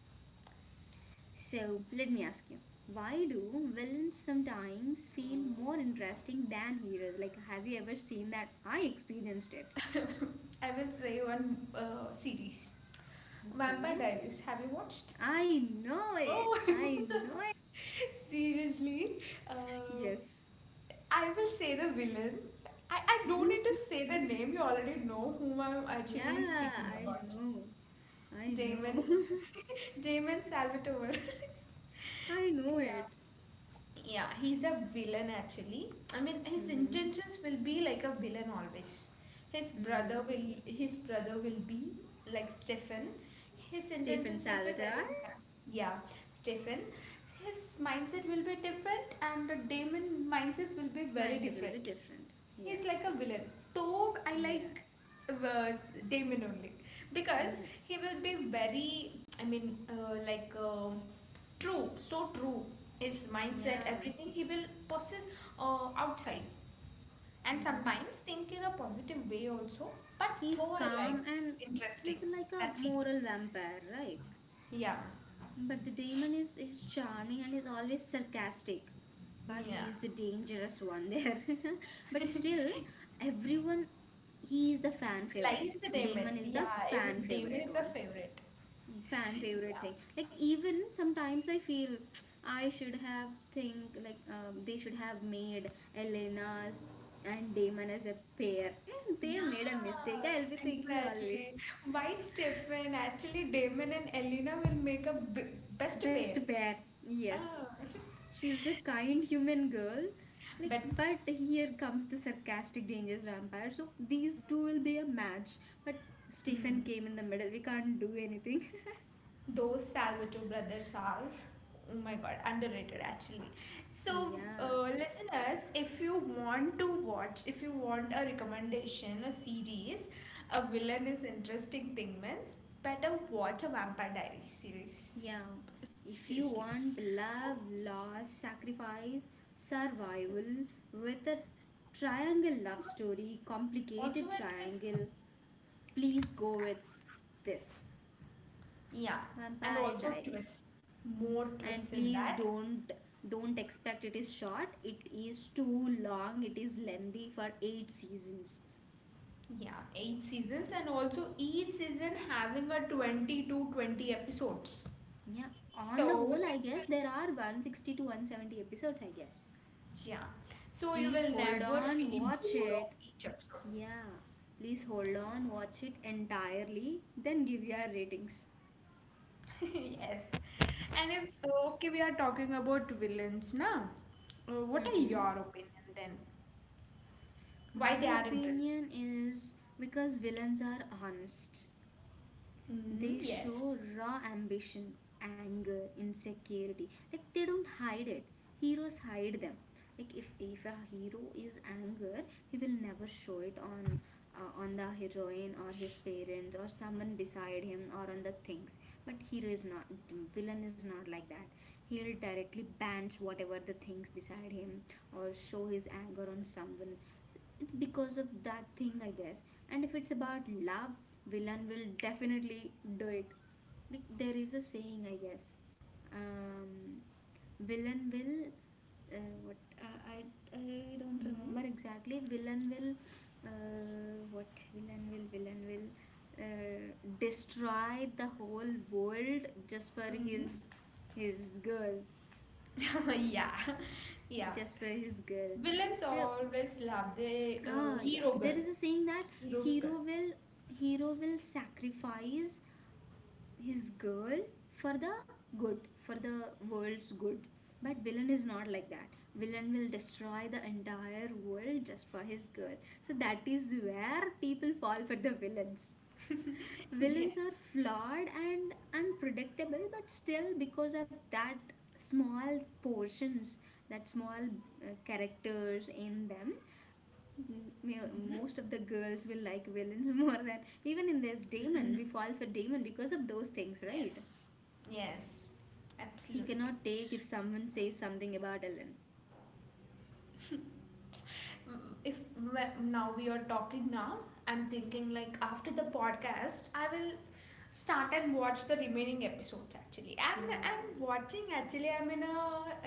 Speaker 1: So, let me ask you, why do villains sometimes feel more interesting than heroes? Like, have you ever seen that? I experienced it.
Speaker 2: I will say one uh, series. Vampire
Speaker 1: Okay.
Speaker 2: Diaries. Have you watched?
Speaker 1: I know it.
Speaker 2: Oh,
Speaker 1: I know it.
Speaker 2: seriously? Uh,
Speaker 1: Yes.
Speaker 2: I will say the villain. I, I don't need to say the name. You already know whom I'm actually
Speaker 1: Yeah,
Speaker 2: speaking
Speaker 1: I
Speaker 2: about.
Speaker 1: know. I know.
Speaker 2: Damon. Damon Salvatore.
Speaker 1: I know it.
Speaker 2: Yeah, he's a villain actually. I mean, his
Speaker 1: Mm-hmm.
Speaker 2: intentions will be like a villain always. His
Speaker 1: Mm-hmm.
Speaker 2: brother will his brother will be like Stefan. His
Speaker 1: Stephen
Speaker 2: intentions will be
Speaker 1: Salvador.
Speaker 2: very, yeah, Stefan. His mindset will be different, and the Damon mindset will be very
Speaker 1: Mine's a little bit
Speaker 2: different.
Speaker 1: different.
Speaker 2: He's like
Speaker 1: Yes.
Speaker 2: a villain. Though I
Speaker 1: Yeah.
Speaker 2: like uh, Damon only because
Speaker 1: Yeah.
Speaker 2: he will be very. I mean, uh, like. Uh, True, so true. His
Speaker 1: Yeah.
Speaker 2: mindset, everything he will possess uh, outside. And
Speaker 1: Hmm.
Speaker 2: sometimes think in a positive way also. But
Speaker 1: He's
Speaker 2: though I like
Speaker 1: calm, and
Speaker 2: interesting,
Speaker 1: he's like a
Speaker 2: that feels.
Speaker 1: moral vampire, right?
Speaker 2: Yeah,
Speaker 1: But the demon is, is charming and is always sarcastic. But
Speaker 2: yeah.
Speaker 1: he is the dangerous one there. But still, everyone, he is the fan
Speaker 2: Lies
Speaker 1: favorite.
Speaker 2: the Damon.
Speaker 1: Damon is
Speaker 2: Yeah,
Speaker 1: the
Speaker 2: every
Speaker 1: fan
Speaker 2: Damon
Speaker 1: favorite
Speaker 2: is a
Speaker 1: one.
Speaker 2: favorite.
Speaker 1: Fan favorite
Speaker 2: Yeah.
Speaker 1: thing, like, even sometimes I feel I should have think like, um, they should have made Elena's and Damon as a pair. They
Speaker 2: Yeah,
Speaker 1: made a mistake, I'll be thinking always.
Speaker 2: exactly. Why Stefan? Actually, Damon and Elena will make a b best
Speaker 1: Best
Speaker 2: pair.
Speaker 1: pair, yes.
Speaker 2: Ah.
Speaker 1: She's a kind human girl, like,
Speaker 2: But
Speaker 1: but here comes the sarcastic dangerous vampire, so these two will be a match. But
Speaker 2: mm,
Speaker 1: Stephen came in the middle, we can't do anything.
Speaker 2: those Salvatore brothers are, oh my god, underrated actually. So,
Speaker 1: Yeah.
Speaker 2: uh, listeners, if you want to watch, if you want a recommendation, a series, a villain is interesting thing means, better watch a Vampire Diaries series.
Speaker 1: Yeah, if you
Speaker 2: Seriously.
Speaker 1: want
Speaker 2: Okay?
Speaker 1: love, loss, sacrifice, survival
Speaker 2: Twists.
Speaker 1: with a triangle love story,
Speaker 2: Also,
Speaker 1: complicated
Speaker 2: a twist.
Speaker 1: triangle, please go with this
Speaker 2: Yeah, and
Speaker 1: Vampire
Speaker 2: also
Speaker 1: Diaries.
Speaker 2: twists. More
Speaker 1: And
Speaker 2: twists in
Speaker 1: please
Speaker 2: that.
Speaker 1: don't don't expect it is short. It is too long. It is lengthy for eight seasons.
Speaker 2: Yeah, eight seasons, and also each season having a twenty to twenty episodes.
Speaker 1: Yeah, on the
Speaker 2: So
Speaker 1: whole, I
Speaker 2: this
Speaker 1: guess
Speaker 2: will,
Speaker 1: there are one hundred sixty to one hundred seventy episodes, I guess.
Speaker 2: yeah, so you
Speaker 1: Please
Speaker 2: will
Speaker 1: hold
Speaker 2: never
Speaker 1: on,
Speaker 2: feel
Speaker 1: watch
Speaker 2: bored of
Speaker 1: it.
Speaker 2: each episode.
Speaker 1: Yeah, please hold on, watch it entirely, then give your ratings.
Speaker 2: Yes. And if, okay, we are talking about villains now. Uh, what are your opinion then? Why
Speaker 1: My
Speaker 2: they are interesting?
Speaker 1: opinion is because villains are honest.
Speaker 2: Mm,
Speaker 1: They show
Speaker 2: yes.
Speaker 1: raw ambition, anger, insecurity. Like, they don't hide it. Heroes hide them. Like, if if a hero is anger, he will never show it on uh, on the heroine or his parents or someone beside him or on the things. But hero is not, villain is not like that. He'll directly bans whatever the things beside him or show his anger on someone. It's because of that thing, I guess. And if it's about love, villain will definitely do it. Like, there is a saying, I guess, um villain will, uh, what uh, i i don't
Speaker 2: Mm,
Speaker 1: remember exactly. Villain will, uh, what villain will villain will, uh, destroy the whole world just for his
Speaker 2: mm.
Speaker 1: his girl,
Speaker 2: Yeah, yeah.
Speaker 1: just for his girl.
Speaker 2: Villains
Speaker 1: So,
Speaker 2: always love the uh,
Speaker 1: ah, yeah.
Speaker 2: hero
Speaker 1: There
Speaker 2: girl,
Speaker 1: is a saying that
Speaker 2: hero's
Speaker 1: hero
Speaker 2: girl.
Speaker 1: will hero will sacrifice his girl for the good, for the world's good. But villain is not like that. Villain will destroy the entire world just for his girl. So that is where people fall for the villains.
Speaker 2: Yes,
Speaker 1: Villains are flawed and unpredictable, but still because of that small portions, that small uh, characters in them, M- ma- most of the girls will like villains more than, even in this Damon. We fall for Damon because of those things, right?
Speaker 2: yes, yes,
Speaker 1: He
Speaker 2: absolutely.
Speaker 1: cannot take if someone says something about Ellen.
Speaker 2: Mm, if wh- now we are talking now, I'm thinking like after the podcast, I will start and watch the remaining episodes actually. I'm
Speaker 1: Wow.
Speaker 2: I'm watching actually. I'm in a,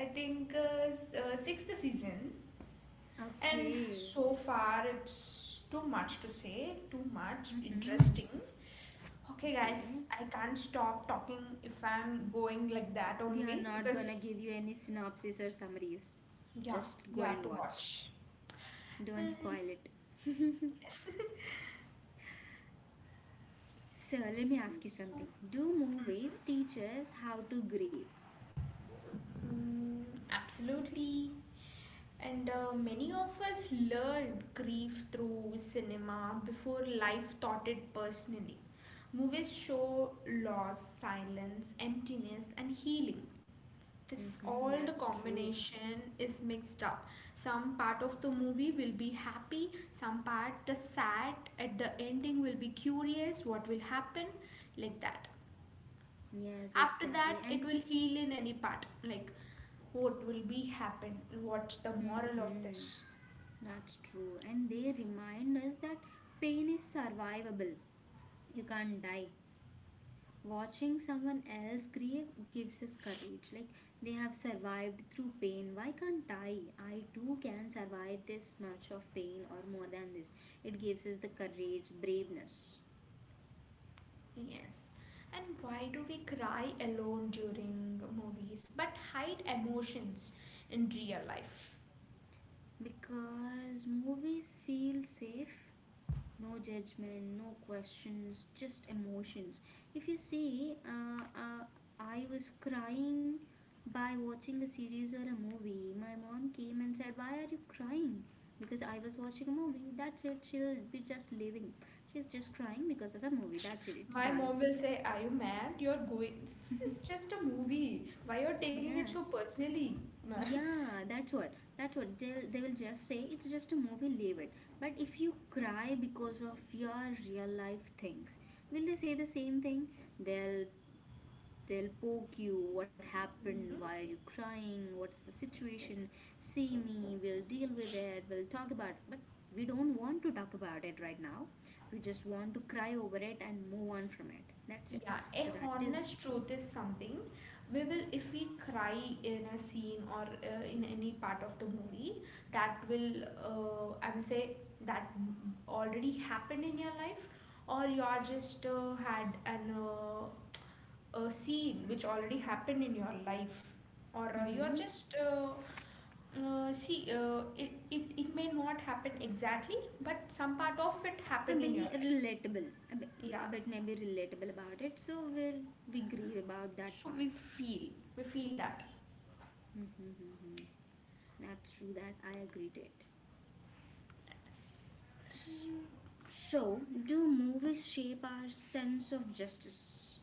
Speaker 2: I think uh, s- uh, sixth season, and
Speaker 1: Okay.
Speaker 2: so far it's too much to say, too much
Speaker 1: Mm-hmm.
Speaker 2: interesting. Okay,
Speaker 1: Okay.
Speaker 2: guys, I can't stop talking if I'm going like that
Speaker 1: We are
Speaker 2: only
Speaker 1: not gonna
Speaker 2: because,
Speaker 1: give you any synopsis or summaries.
Speaker 2: yeah,
Speaker 1: Just
Speaker 2: you
Speaker 1: go
Speaker 2: have
Speaker 1: and
Speaker 2: to
Speaker 1: watch.
Speaker 2: watch.
Speaker 1: Don't
Speaker 2: Uh,
Speaker 1: spoil it.
Speaker 2: yes.
Speaker 1: So let me ask you
Speaker 2: So,
Speaker 1: something. Do movies teach us how to grieve?
Speaker 2: mm, absolutely. And uh, many of us learned grief through cinema before life taught it personally. Movies show loss, silence, emptiness, and healing. This
Speaker 1: Mm-hmm.
Speaker 2: all the
Speaker 1: That's true.
Speaker 2: combination is mixed up. Some part of the movie will be happy, some part the sad. At the ending will be curious what will happen, like that.
Speaker 1: Yes,
Speaker 2: After
Speaker 1: exactly.
Speaker 2: that it
Speaker 1: And
Speaker 2: will heal in any part, like what will be happen, what's the moral of this?
Speaker 1: mm-hmm. That's true. And they remind us that pain is survivable. You can't die. Watching someone else grieve gives us courage. Like, they have survived through pain. Why can't I? I too can survive this much of pain or more than this. It gives us the courage, braveness.
Speaker 2: Yes. And why do we cry alone during movies but hide emotions in real life?
Speaker 1: Because movies feel safe, no judgment, no questions, just emotions. If you see, uh, uh, I was crying by watching a series or a movie. My mom came and said, "Why are you crying?" Because I was watching a movie. That's it. She'll be just leaving. She's just crying because of a movie. That's it. It's
Speaker 2: My
Speaker 1: done.
Speaker 2: mom will say, are you mad, you're going, this is just a movie, why you're taking it
Speaker 1: Yeah.
Speaker 2: so personally?
Speaker 1: Yeah, that's what. That's what they'll, they will just say, it's just a movie, leave it. But if you cry because of your real life things, will they say the same thing? They'll They'll poke you. What happened? Why are you crying? What's the situation? See me. We'll deal with it. We'll talk about it. But we don't want to talk about it right now. We just want to cry over it and move on from it. That's it.
Speaker 2: Yeah, a
Speaker 1: So that is,
Speaker 2: honest truth is something we will, if we cry in a scene or uh, in any part of the movie, that will, uh, I will say, that m- already happened in your life, or you are just uh, had an uh, a scene which already happened in your life, or uh, you are
Speaker 1: mm-hmm,
Speaker 2: just. Uh, uh, see, uh, it, it, it may not happen exactly, but some part of it
Speaker 1: a
Speaker 2: happened in your
Speaker 1: maybe
Speaker 2: life.
Speaker 1: relatable. A bit,
Speaker 2: Yeah,
Speaker 1: a bit maybe relatable about it. So we'll we grieve about that
Speaker 2: so
Speaker 1: part.
Speaker 2: we feel, we feel that.
Speaker 1: Mm-hmm. That's true. That I agree to it. So, do movies shape our sense of justice?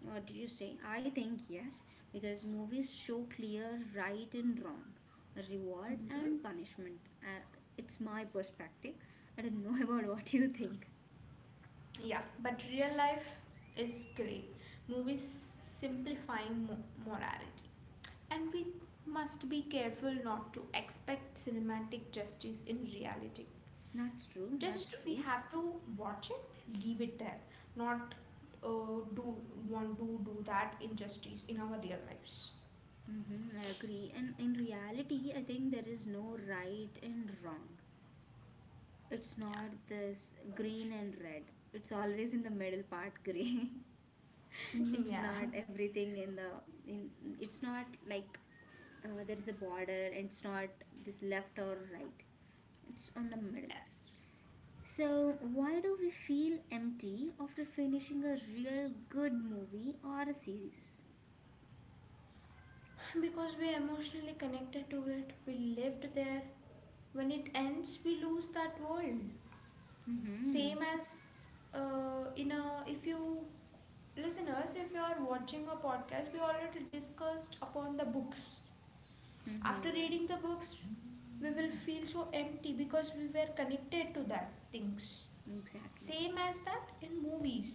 Speaker 1: What do you say? I think yes, because movies show clear right and wrong, reward
Speaker 2: Mhm.
Speaker 1: and punishment. Uh, it's my perspective. I don't know about what you think.
Speaker 2: Yeah, but real life is great. Movies simplifying mo- morality. And we must be careful not to expect cinematic justice in reality.
Speaker 1: That's true,
Speaker 2: Just
Speaker 1: that's
Speaker 2: we
Speaker 1: true.
Speaker 2: have to watch it, leave it there, not uh, do want to do that injustice in our real lives.
Speaker 1: Hmm. I agree. And in reality, I think there is no right and wrong. It's
Speaker 2: Yeah.
Speaker 1: not this green and red, it's always in the middle part gray. It's
Speaker 2: Yeah.
Speaker 1: not everything in the in it's not like, uh, there is a border, and it's not this left or right, it's on the middle.
Speaker 2: Yes.
Speaker 1: So why do we feel empty after finishing a real good movie or a series?
Speaker 2: Because we're emotionally connected to it, we lived there, when it ends we lose that world,
Speaker 1: Mm-hmm.
Speaker 2: same as uh, in a, if you listeners, if you are watching a podcast, we already discussed upon the books. After
Speaker 1: Mm-hmm.
Speaker 2: reading
Speaker 1: Yes.
Speaker 2: the books, we will feel so empty because we were connected to that things.
Speaker 1: Exactly,
Speaker 2: Same as that in movies,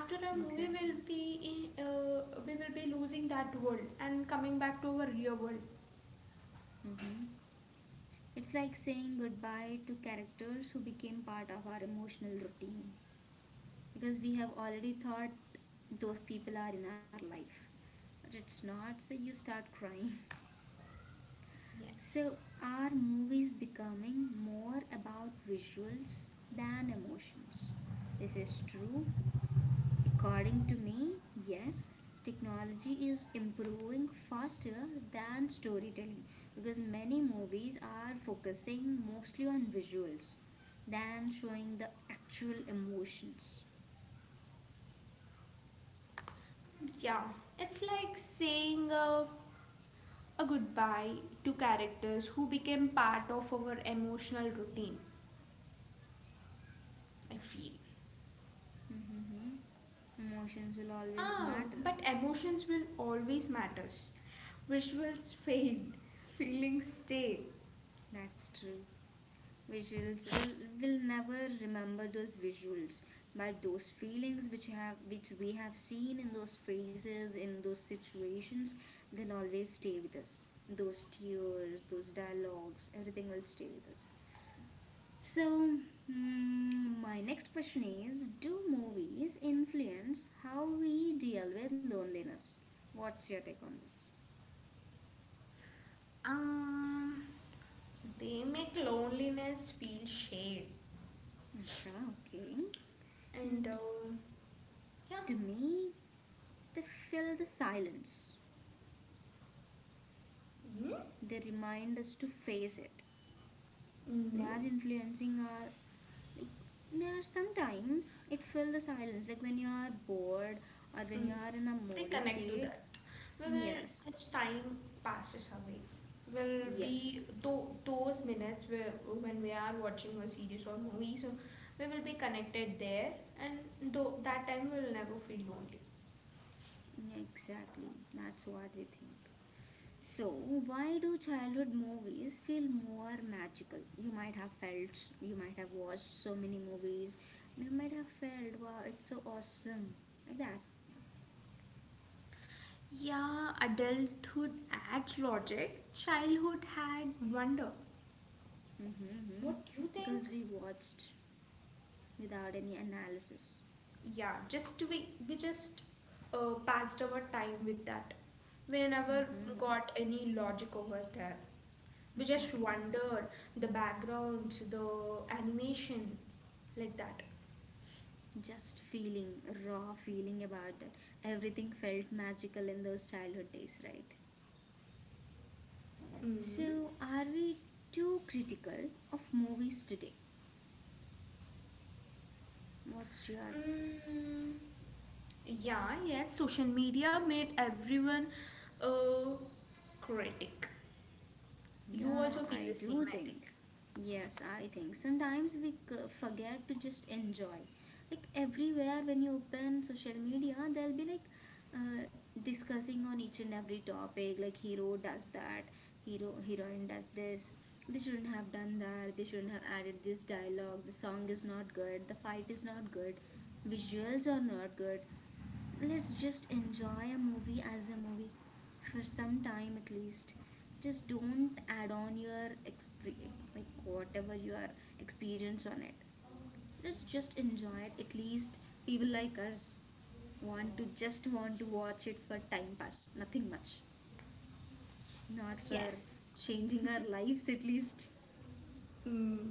Speaker 2: after a movie will
Speaker 1: exactly.
Speaker 2: be in, uh, we will be losing that world and coming back to our real world.
Speaker 1: Mm-hmm. It's like saying goodbye to characters who became part of our emotional routine, because we have already thought those people are in our life, but it's not, so you start crying. So,
Speaker 2: Yes.
Speaker 1: are movies becoming more about visuals than emotions? This is true. According to me, yes, technology is improving faster than storytelling, because many movies are focusing mostly on visuals than showing the actual emotions.
Speaker 2: Yeah, it's like seeing a a goodbye to characters who became part of our emotional routine, I feel.
Speaker 1: Mm-hmm. Emotions will always
Speaker 2: Ah,
Speaker 1: matter.
Speaker 2: but emotions will always matters. Visuals fade, feelings stay.
Speaker 1: That's true. Visuals will will never remember those visuals, but those feelings which have, which we have seen in those phases, in those situations, they'll always stay with us. Those tears, those dialogues, everything will stay with us. So, mm, my next question is, do movies influence how we deal with loneliness? What's your take on this?
Speaker 2: um they make loneliness feel shade,
Speaker 1: Achha, okay.
Speaker 2: and
Speaker 1: And
Speaker 2: uh, yeah.
Speaker 1: to me, they fill the silence,
Speaker 2: Mm-hmm.
Speaker 1: they remind us to face it, they
Speaker 2: Mm-hmm.
Speaker 1: are influencing our, like, there are sometimes it fill the silence, like when you are bored or when
Speaker 2: Mm,
Speaker 1: you are in a
Speaker 2: they
Speaker 1: moody
Speaker 2: connect to
Speaker 1: state.
Speaker 2: that. We will,
Speaker 1: Yes.
Speaker 2: as time passes away, will
Speaker 1: Yes,
Speaker 2: be tho- those minutes where, when we are watching a series or movie, so we will be connected there, and though that time we will never feel lonely.
Speaker 1: exactly, that's what we think. So why do childhood movies feel more magical? You might have felt, you might have watched so many movies and you might have felt, wow, it's so awesome. Like that.
Speaker 2: Yeah, adulthood adds logic. Childhood had wonder.
Speaker 1: Mm-hmm, mm-hmm.
Speaker 2: What do you
Speaker 1: Because
Speaker 2: think?
Speaker 1: we watched without any analysis.
Speaker 2: Yeah, just we we just uh, passed our time with that, we never
Speaker 1: Mm-hmm,
Speaker 2: got any logic over there, we just
Speaker 1: exactly.
Speaker 2: wondered, the background, the animation, like that.
Speaker 1: Just feeling, raw feeling about that. Everything felt magical in those childhood days, right?
Speaker 2: Mm.
Speaker 1: So, are we too critical of movies today? What's your,
Speaker 2: Mm, yeah, yes, social media made everyone a critic, you
Speaker 1: yeah,
Speaker 2: also feel
Speaker 1: I
Speaker 2: the
Speaker 1: do
Speaker 2: same I
Speaker 1: think.
Speaker 2: think.
Speaker 1: Yes, I think. Sometimes we c- forget to just enjoy. Like everywhere, when you open social media, they'll be like, uh, discussing on each and every topic. Like hero does that, hero heroine does this. They shouldn't have done that. They shouldn't have added this dialogue. The song is not good. The fight is not good. Visuals are not good. Let's just enjoy a movie as a movie for some time at least. Just don't add on your exp- like whatever your experience on it, let's just enjoy it at least. People like us want to just want to watch it for time pass, nothing much. Not for
Speaker 2: Yes.
Speaker 1: changing our lives at least.
Speaker 2: Mm.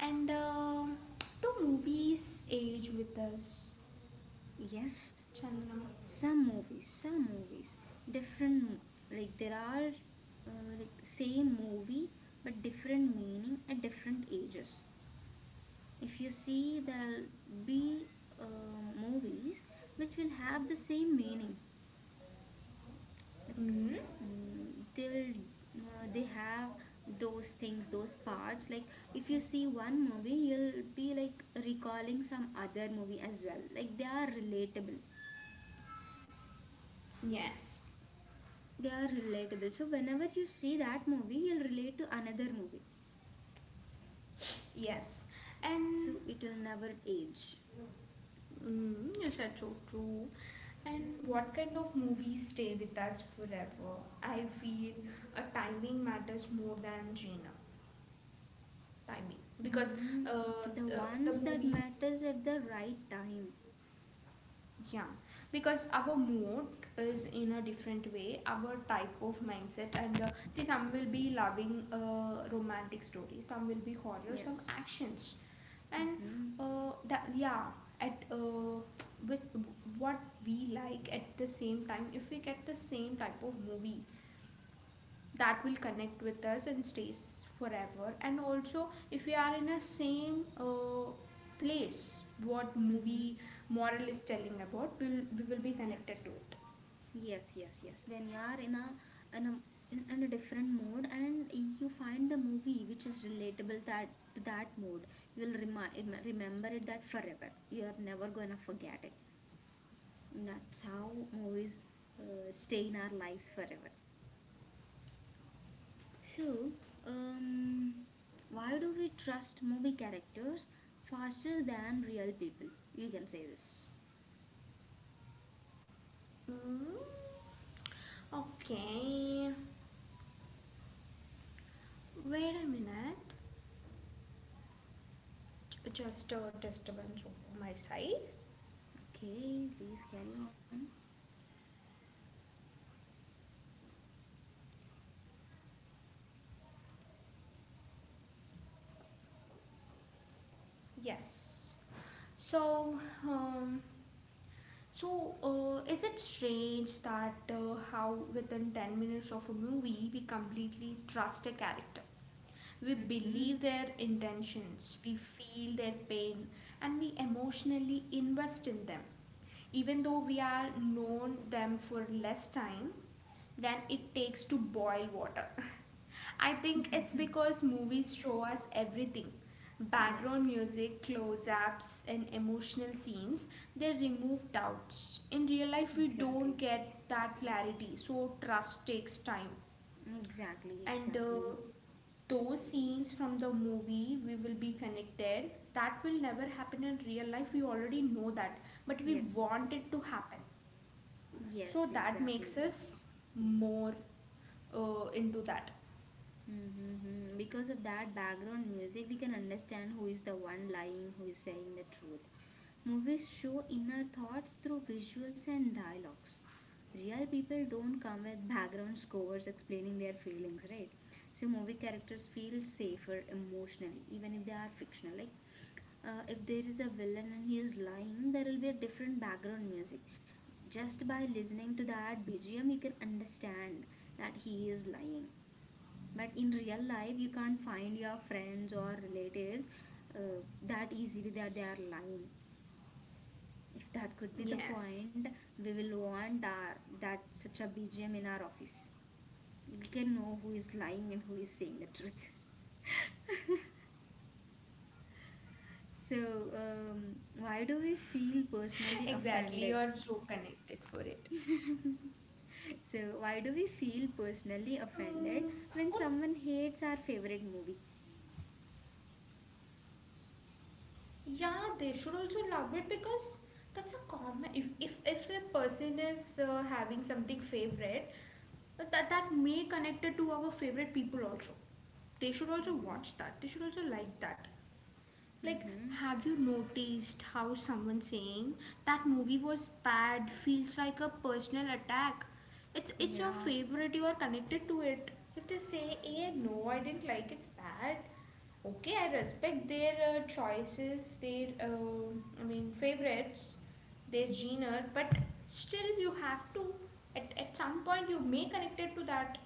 Speaker 2: And uh, do movies age with us,
Speaker 1: Yes,
Speaker 2: Chandana?
Speaker 1: some movies, some movies different. Like there are, uh, like same movie but different meaning at different ages. If you see, there'll be uh, movies which will have the same meaning, like,
Speaker 2: Mm,
Speaker 1: mm, they'll uh, they have those things, those parts. Like if you see one movie, you'll be like recalling some other movie as well, like they are relatable.
Speaker 2: yes,
Speaker 1: They are relatable. So whenever you see that movie, you'll relate to another movie.
Speaker 2: yes. And
Speaker 1: So it will never age.
Speaker 2: mm, you said so true. And what kind of movies stay with us forever? I feel a timing matters more than genre. Timing, because
Speaker 1: Hmm.
Speaker 2: uh,
Speaker 1: The
Speaker 2: the, the
Speaker 1: ones that
Speaker 2: movie,
Speaker 1: matters at the right time.
Speaker 2: yeah, because our mood is in a different way, our type of mindset, and uh, see, some will be loving uh, romantic story, some will be horror, some
Speaker 1: Yes.
Speaker 2: actions, and
Speaker 1: Mm-hmm.
Speaker 2: uh, that, yeah, at uh, with what we like at the same time, if we get the same type of movie, that will connect with us and stays forever. And also, if we are in a same uh, place, what
Speaker 1: Mm-hmm.
Speaker 2: movie moral is telling about, we will we will be
Speaker 1: Yes.
Speaker 2: connected to it.
Speaker 1: Yes. Yes. Yes. When you are in a in a in, in a different mode and you find the movie which is relatable that to that mode, you'll remi- remember it that forever. You are never gonna forget it. That's how movies uh, stay in our lives forever. So, um, why do we trust movie characters faster than real people? You can say this.
Speaker 2: Mm, okay, wait a minute. J- just a disturbance over my side.
Speaker 1: Okay, please carry on.
Speaker 2: Yes. So um so uh, is it strange that uh, how within ten minutes of a movie we completely trust a character? We
Speaker 1: Mm-hmm.
Speaker 2: believe their intentions, we feel their pain, and we emotionally invest in them. Even though we are known them for less time than it takes to boil water. I think it's because movies show us everything. Background
Speaker 1: Yes,
Speaker 2: music, close ups, and emotional scenes, they remove doubts. In real life, we
Speaker 1: exactly.
Speaker 2: don't get that clarity, so trust takes time.
Speaker 1: Exactly,
Speaker 2: And uh,
Speaker 1: exactly.
Speaker 2: those scenes from the movie we will be connected, that will never happen in real life, we already know that, but we
Speaker 1: Yes,
Speaker 2: want it to happen,
Speaker 1: yes,
Speaker 2: so that
Speaker 1: exactly.
Speaker 2: makes us more uh, into that.
Speaker 1: Mm-hmm. Because of that background music, we can understand who is the one lying, who is saying the truth. Movies show inner thoughts through visuals and dialogues. Real people don't come with background scores explaining their feelings, right? So movie characters feel safer emotionally, even if they are fictional. Like uh, if there is a villain and he is lying, there will be a different background music. Just by listening to that B G M, you can understand that he is lying. But in real life, you can't find your friends or relatives uh, that easily that they are lying. If that could be the
Speaker 2: Yes.
Speaker 1: point, we will want our, that such a B G M in our office. We can know who is lying and who is saying the truth. So, um, why do we feel personally
Speaker 2: Exactly,
Speaker 1: offended?
Speaker 2: you're so connected for it.
Speaker 1: So, why do we feel personally offended
Speaker 2: Mm,
Speaker 1: when
Speaker 2: what.
Speaker 1: someone hates our favorite movie?
Speaker 2: Yeah, they should also love it, because that's a common. If if, if a person is uh, having something favorite, uh, that that may connect it to our favorite people also. They should also
Speaker 1: Mm-hmm.
Speaker 2: watch that. They should also like that. Like,
Speaker 1: Mm-hmm.
Speaker 2: have you noticed how someone saying that movie was bad feels like a personal attack? It's it's your
Speaker 1: Yeah.
Speaker 2: favorite. You are connected to it. If they say, "Hey, no, I didn't like. It's bad." Okay, I respect their uh, choices, their um I mean favorites, their genre, but still you have to, at, at some point, you may connect it to that.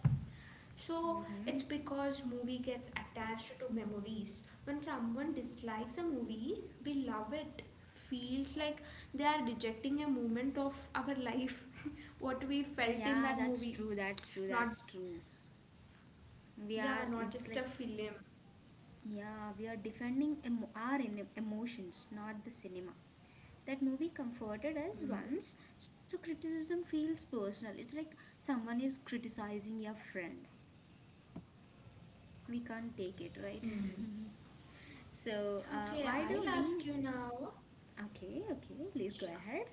Speaker 2: So
Speaker 1: Mm-hmm.
Speaker 2: it's because movie gets attached to memories. When someone dislikes a movie we love, it feels like they are rejecting a moment of our life, what we felt in
Speaker 1: Yeah,
Speaker 2: that
Speaker 1: that's
Speaker 2: movie.
Speaker 1: true. That's true.
Speaker 2: Not,
Speaker 1: That's true. We
Speaker 2: yeah,
Speaker 1: are,
Speaker 2: not
Speaker 1: it's
Speaker 2: just a
Speaker 1: like,
Speaker 2: film.
Speaker 1: yeah, we are defending emo- our em- emotions, not the cinema. That movie comforted us
Speaker 2: Mhm.
Speaker 1: once, so criticism feels personal. It's like someone is criticizing your friend. We can't take it, right?
Speaker 2: Mm.
Speaker 1: So, uh,
Speaker 2: Okay,
Speaker 1: why do
Speaker 2: I'll
Speaker 1: we.
Speaker 2: ask you now.
Speaker 1: Okay, okay, please go
Speaker 2: Yeah.
Speaker 1: ahead.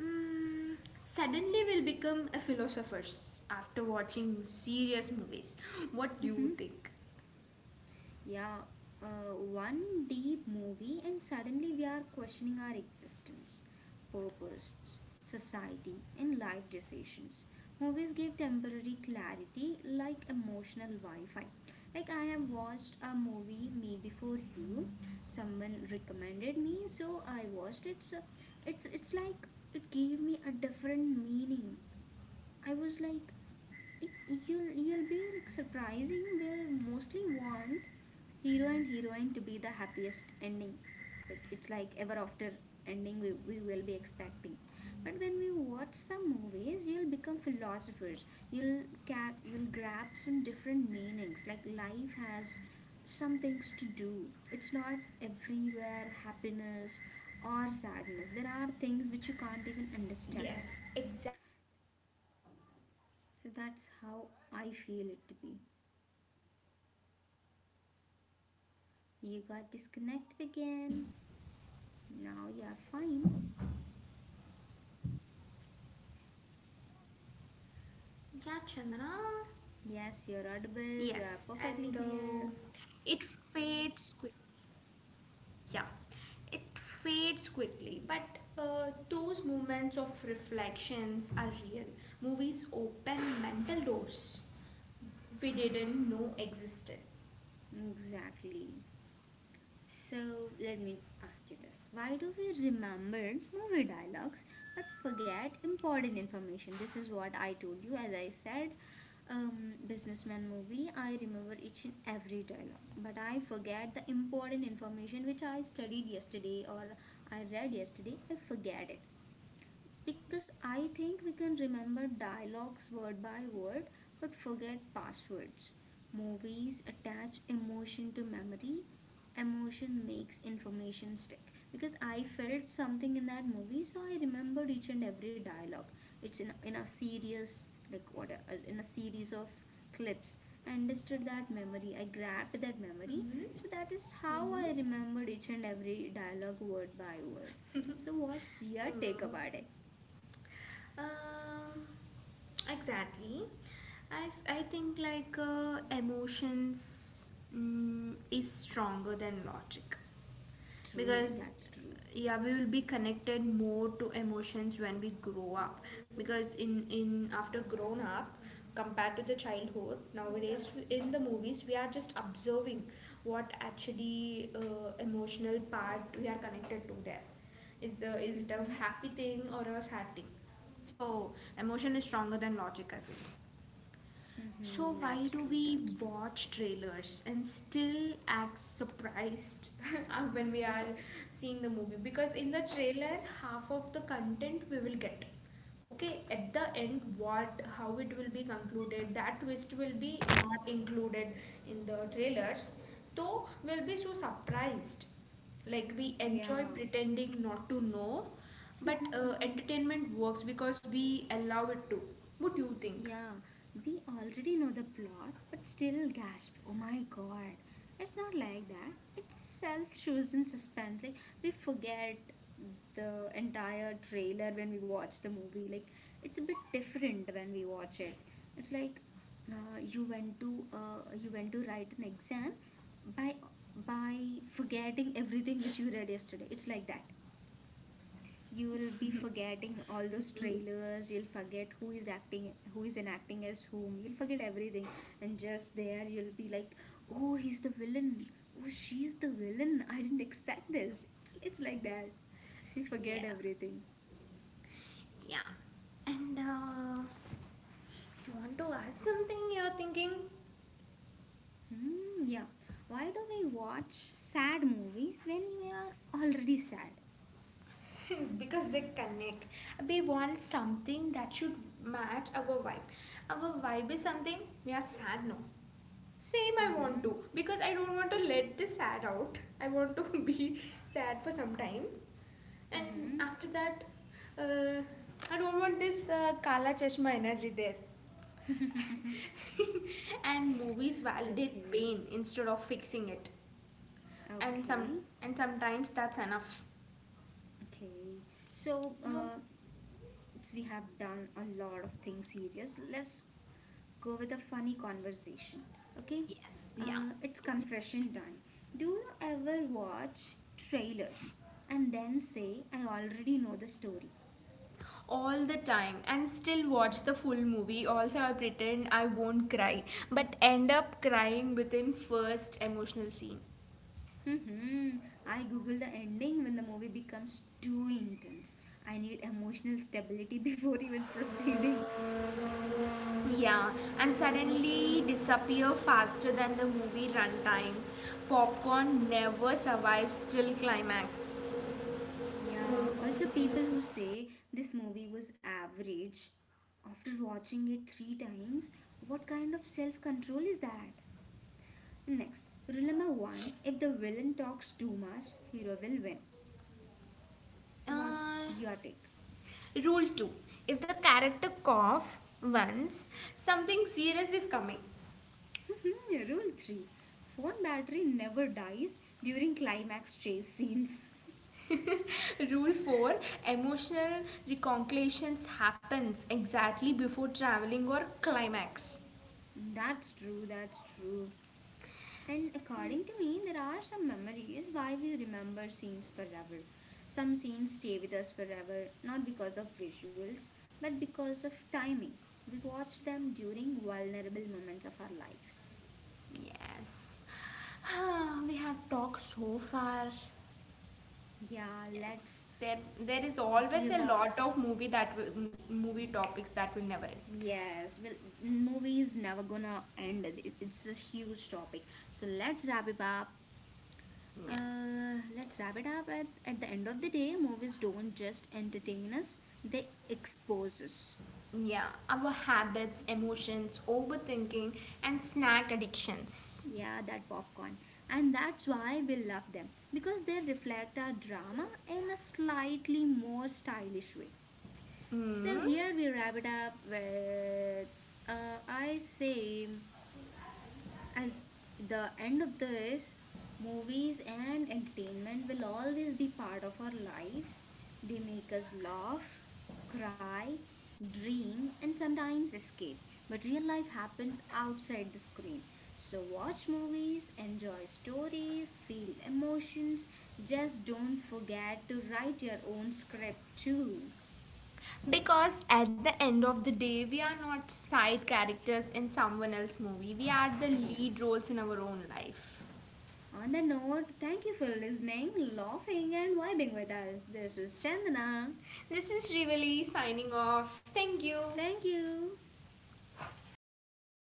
Speaker 2: Mm, suddenly we'll become a philosophers after watching serious movies. What do you think?
Speaker 1: Yeah, uh, one deep movie, and suddenly we are questioning our existence, purpose, society, and life decisions. Movies give temporary clarity like emotional Wi Fi. Like, I have watched a movie, Me Before You. Someone recommended me, so I watched it. So it's, it's like it gave me a different meaning. I was like, it, you'll, you'll be like surprising will mostly want hero and heroine to be the happiest ending, like it's like ever after ending, we, we will be expecting. But when we watch some movies you'll become philosophers. You'll ca- you'll grab some different meanings like life has some things to do. It's not everywhere happiness or sadness. There are things which you can't even understand,
Speaker 2: Yes, exactly.
Speaker 1: so that's how I feel it to be. You got disconnected again. Now you are fine.
Speaker 2: Yeah, Chandana.
Speaker 1: Yes, you're audible, you are
Speaker 2: Yes, and
Speaker 1: perfectly
Speaker 2: uh,
Speaker 1: clear.
Speaker 2: it fades quick. Yeah, it fades quickly. But uh, those moments of reflections are real. Movies open mental doors we didn't know existed.
Speaker 1: Exactly. So, let me ask you this. Why do we remember movie dialogues but forget important information? This is what I told you. As I said, um, businessman movie, I remember each and every dialogue, but I forget the important information which I studied yesterday or I read yesterday. I forget it. Because I think we can remember dialogues word by word but forget passwords. Movies attach emotion to memory. Emotion makes information stick. Because I felt something in that movie, so I remembered each and every dialogue. It's in, in a series, like what, a, in a series of clips. I understood that memory. I grabbed that memory.
Speaker 2: Hmm.
Speaker 1: So that is how I
Speaker 2: Hmm.
Speaker 1: remembered each and every dialogue word by word. So, what's your take
Speaker 2: Hmm.
Speaker 1: about it?
Speaker 2: Um, exactly. I, I think like uh, emotions mm, is stronger than logic.
Speaker 1: True,
Speaker 2: Because,
Speaker 1: that's true.
Speaker 2: yeah, we will be connected more to emotions when we grow up. Because in in after grown up, compared to the childhood, nowadays in the movies we are just observing what actually uh, emotional part we are connected to, there is uh, is it a
Speaker 1: Mm-hmm.
Speaker 2: happy thing or a sad thing. So emotion is stronger than logic, I feel. So
Speaker 1: Mm-hmm.
Speaker 2: why
Speaker 1: That's
Speaker 2: do
Speaker 1: true,
Speaker 2: we
Speaker 1: that's true.
Speaker 2: watch trailers and still act surprised when we are seeing the movie? Because in the trailer, half of the content we will get. Okay, at the end, what, how it will be concluded, that twist will be not included in the trailers. So we'll be so surprised. Like we enjoy
Speaker 1: Yeah,
Speaker 2: pretending not to know, but uh, entertainment works because we allow it to. What do you think?
Speaker 1: yeah. We already know the plot, but still gasp. Oh my god. It's not like that. It's self chosen suspense. Like, we forget the entire trailer when we watch the movie. Like, it's a bit different when we watch it. It's like uh, you went to uh, you went to write an exam by by forgetting everything which you read yesterday. It's like that. You will be forgetting all those
Speaker 2: Hmm.
Speaker 1: trailers. You'll forget who is acting, who is enacting as whom. You'll forget everything, and just there you'll be like, oh he's the villain, oh she's the villain, I didn't expect this. It's, it's, like that, we
Speaker 2: Yeah.
Speaker 1: forget everything.
Speaker 2: Yeah. And uh, you want to ask something, you're thinking?
Speaker 1: Hmm, yeah, why do we watch sad movies when we are already sad?
Speaker 2: Because they connect. We want something that should match our vibe. Our vibe is something, we are sad now. Same, I want
Speaker 1: Mm-hmm.
Speaker 2: to because I don't want to let this sad out. I want to be sad for some time, and
Speaker 1: Mm-hmm.
Speaker 2: after that, uh, I don't want this uh, Kala Chashma energy there. And movies validate
Speaker 1: Okay,
Speaker 2: pain instead of fixing it. and some
Speaker 1: okay,
Speaker 2: and sometimes that's enough.
Speaker 1: okay. So,
Speaker 2: You.
Speaker 1: uh, we have done a lot of things serious, let's go with a funny conversation. Okay?
Speaker 2: Yes, yeah,
Speaker 1: Uh, it's
Speaker 2: exactly.
Speaker 1: confession time. Do you ever watch trailers and then say, I already know the story?
Speaker 2: All the time, and still watch the full movie also. I pretend I won't cry but end up crying within first emotional scene.
Speaker 1: Hmm. I google the ending when the movie becomes too intense. I need emotional stability before even proceeding.
Speaker 2: Yeah, and suddenly disappear faster than the movie runtime. Popcorn never survives till climax.
Speaker 1: Yeah, also people who say this movie was average after watching it three times, what kind of self control is that? Next, rule number one, if the villain talks too much, hero will win. What's
Speaker 2: uh,
Speaker 1: your take?
Speaker 2: Rule two, if the character cough once, something serious is coming.
Speaker 1: Rule three, phone battery never dies during climax chase scenes.
Speaker 2: Rule four, emotional reconciliations happens exactly before traveling or climax.
Speaker 1: That's true, that's true. And according to me, there are some memories why we remember scenes forever. Some scenes stay with us forever, not because of visuals, but because of timing. We watched them during vulnerable moments of our lives.
Speaker 2: Yes. We have talked so far.
Speaker 1: Yeah, let's
Speaker 2: Yes. There there is always
Speaker 1: give
Speaker 2: a
Speaker 1: a.
Speaker 2: lot of movie that will, movie topics that will never end.
Speaker 1: Yes, well, movie is never gonna end. It- It's a huge topic. So let's wrap it up.
Speaker 2: Yeah.
Speaker 1: Uh, let's wrap it up. At, at the end of the day, movies don't just entertain us, they expose us.
Speaker 2: Yeah, our habits, emotions, overthinking and snack addictions.
Speaker 1: Yeah, that popcorn. And that's why we love them because they reflect our drama in a slightly more stylish way. So
Speaker 2: Hmm.
Speaker 1: here we wrap it up with, uh, I say, as the end of this, movies and entertainment will always be part of our lives. They make us laugh, cry, dream, and sometimes escape. But real life happens outside the screen. So watch movies, enjoy stories, feel emotions. Just don't forget to write your own script too.
Speaker 2: Because at the end of the day, we are not side characters in someone else's movie. We are the lead
Speaker 1: Yes.
Speaker 2: roles in our own life.
Speaker 1: On the note, thank you for listening, laughing, and vibing with us. This was Chandana.
Speaker 2: This is Rivali signing off. Thank you.
Speaker 1: Thank you.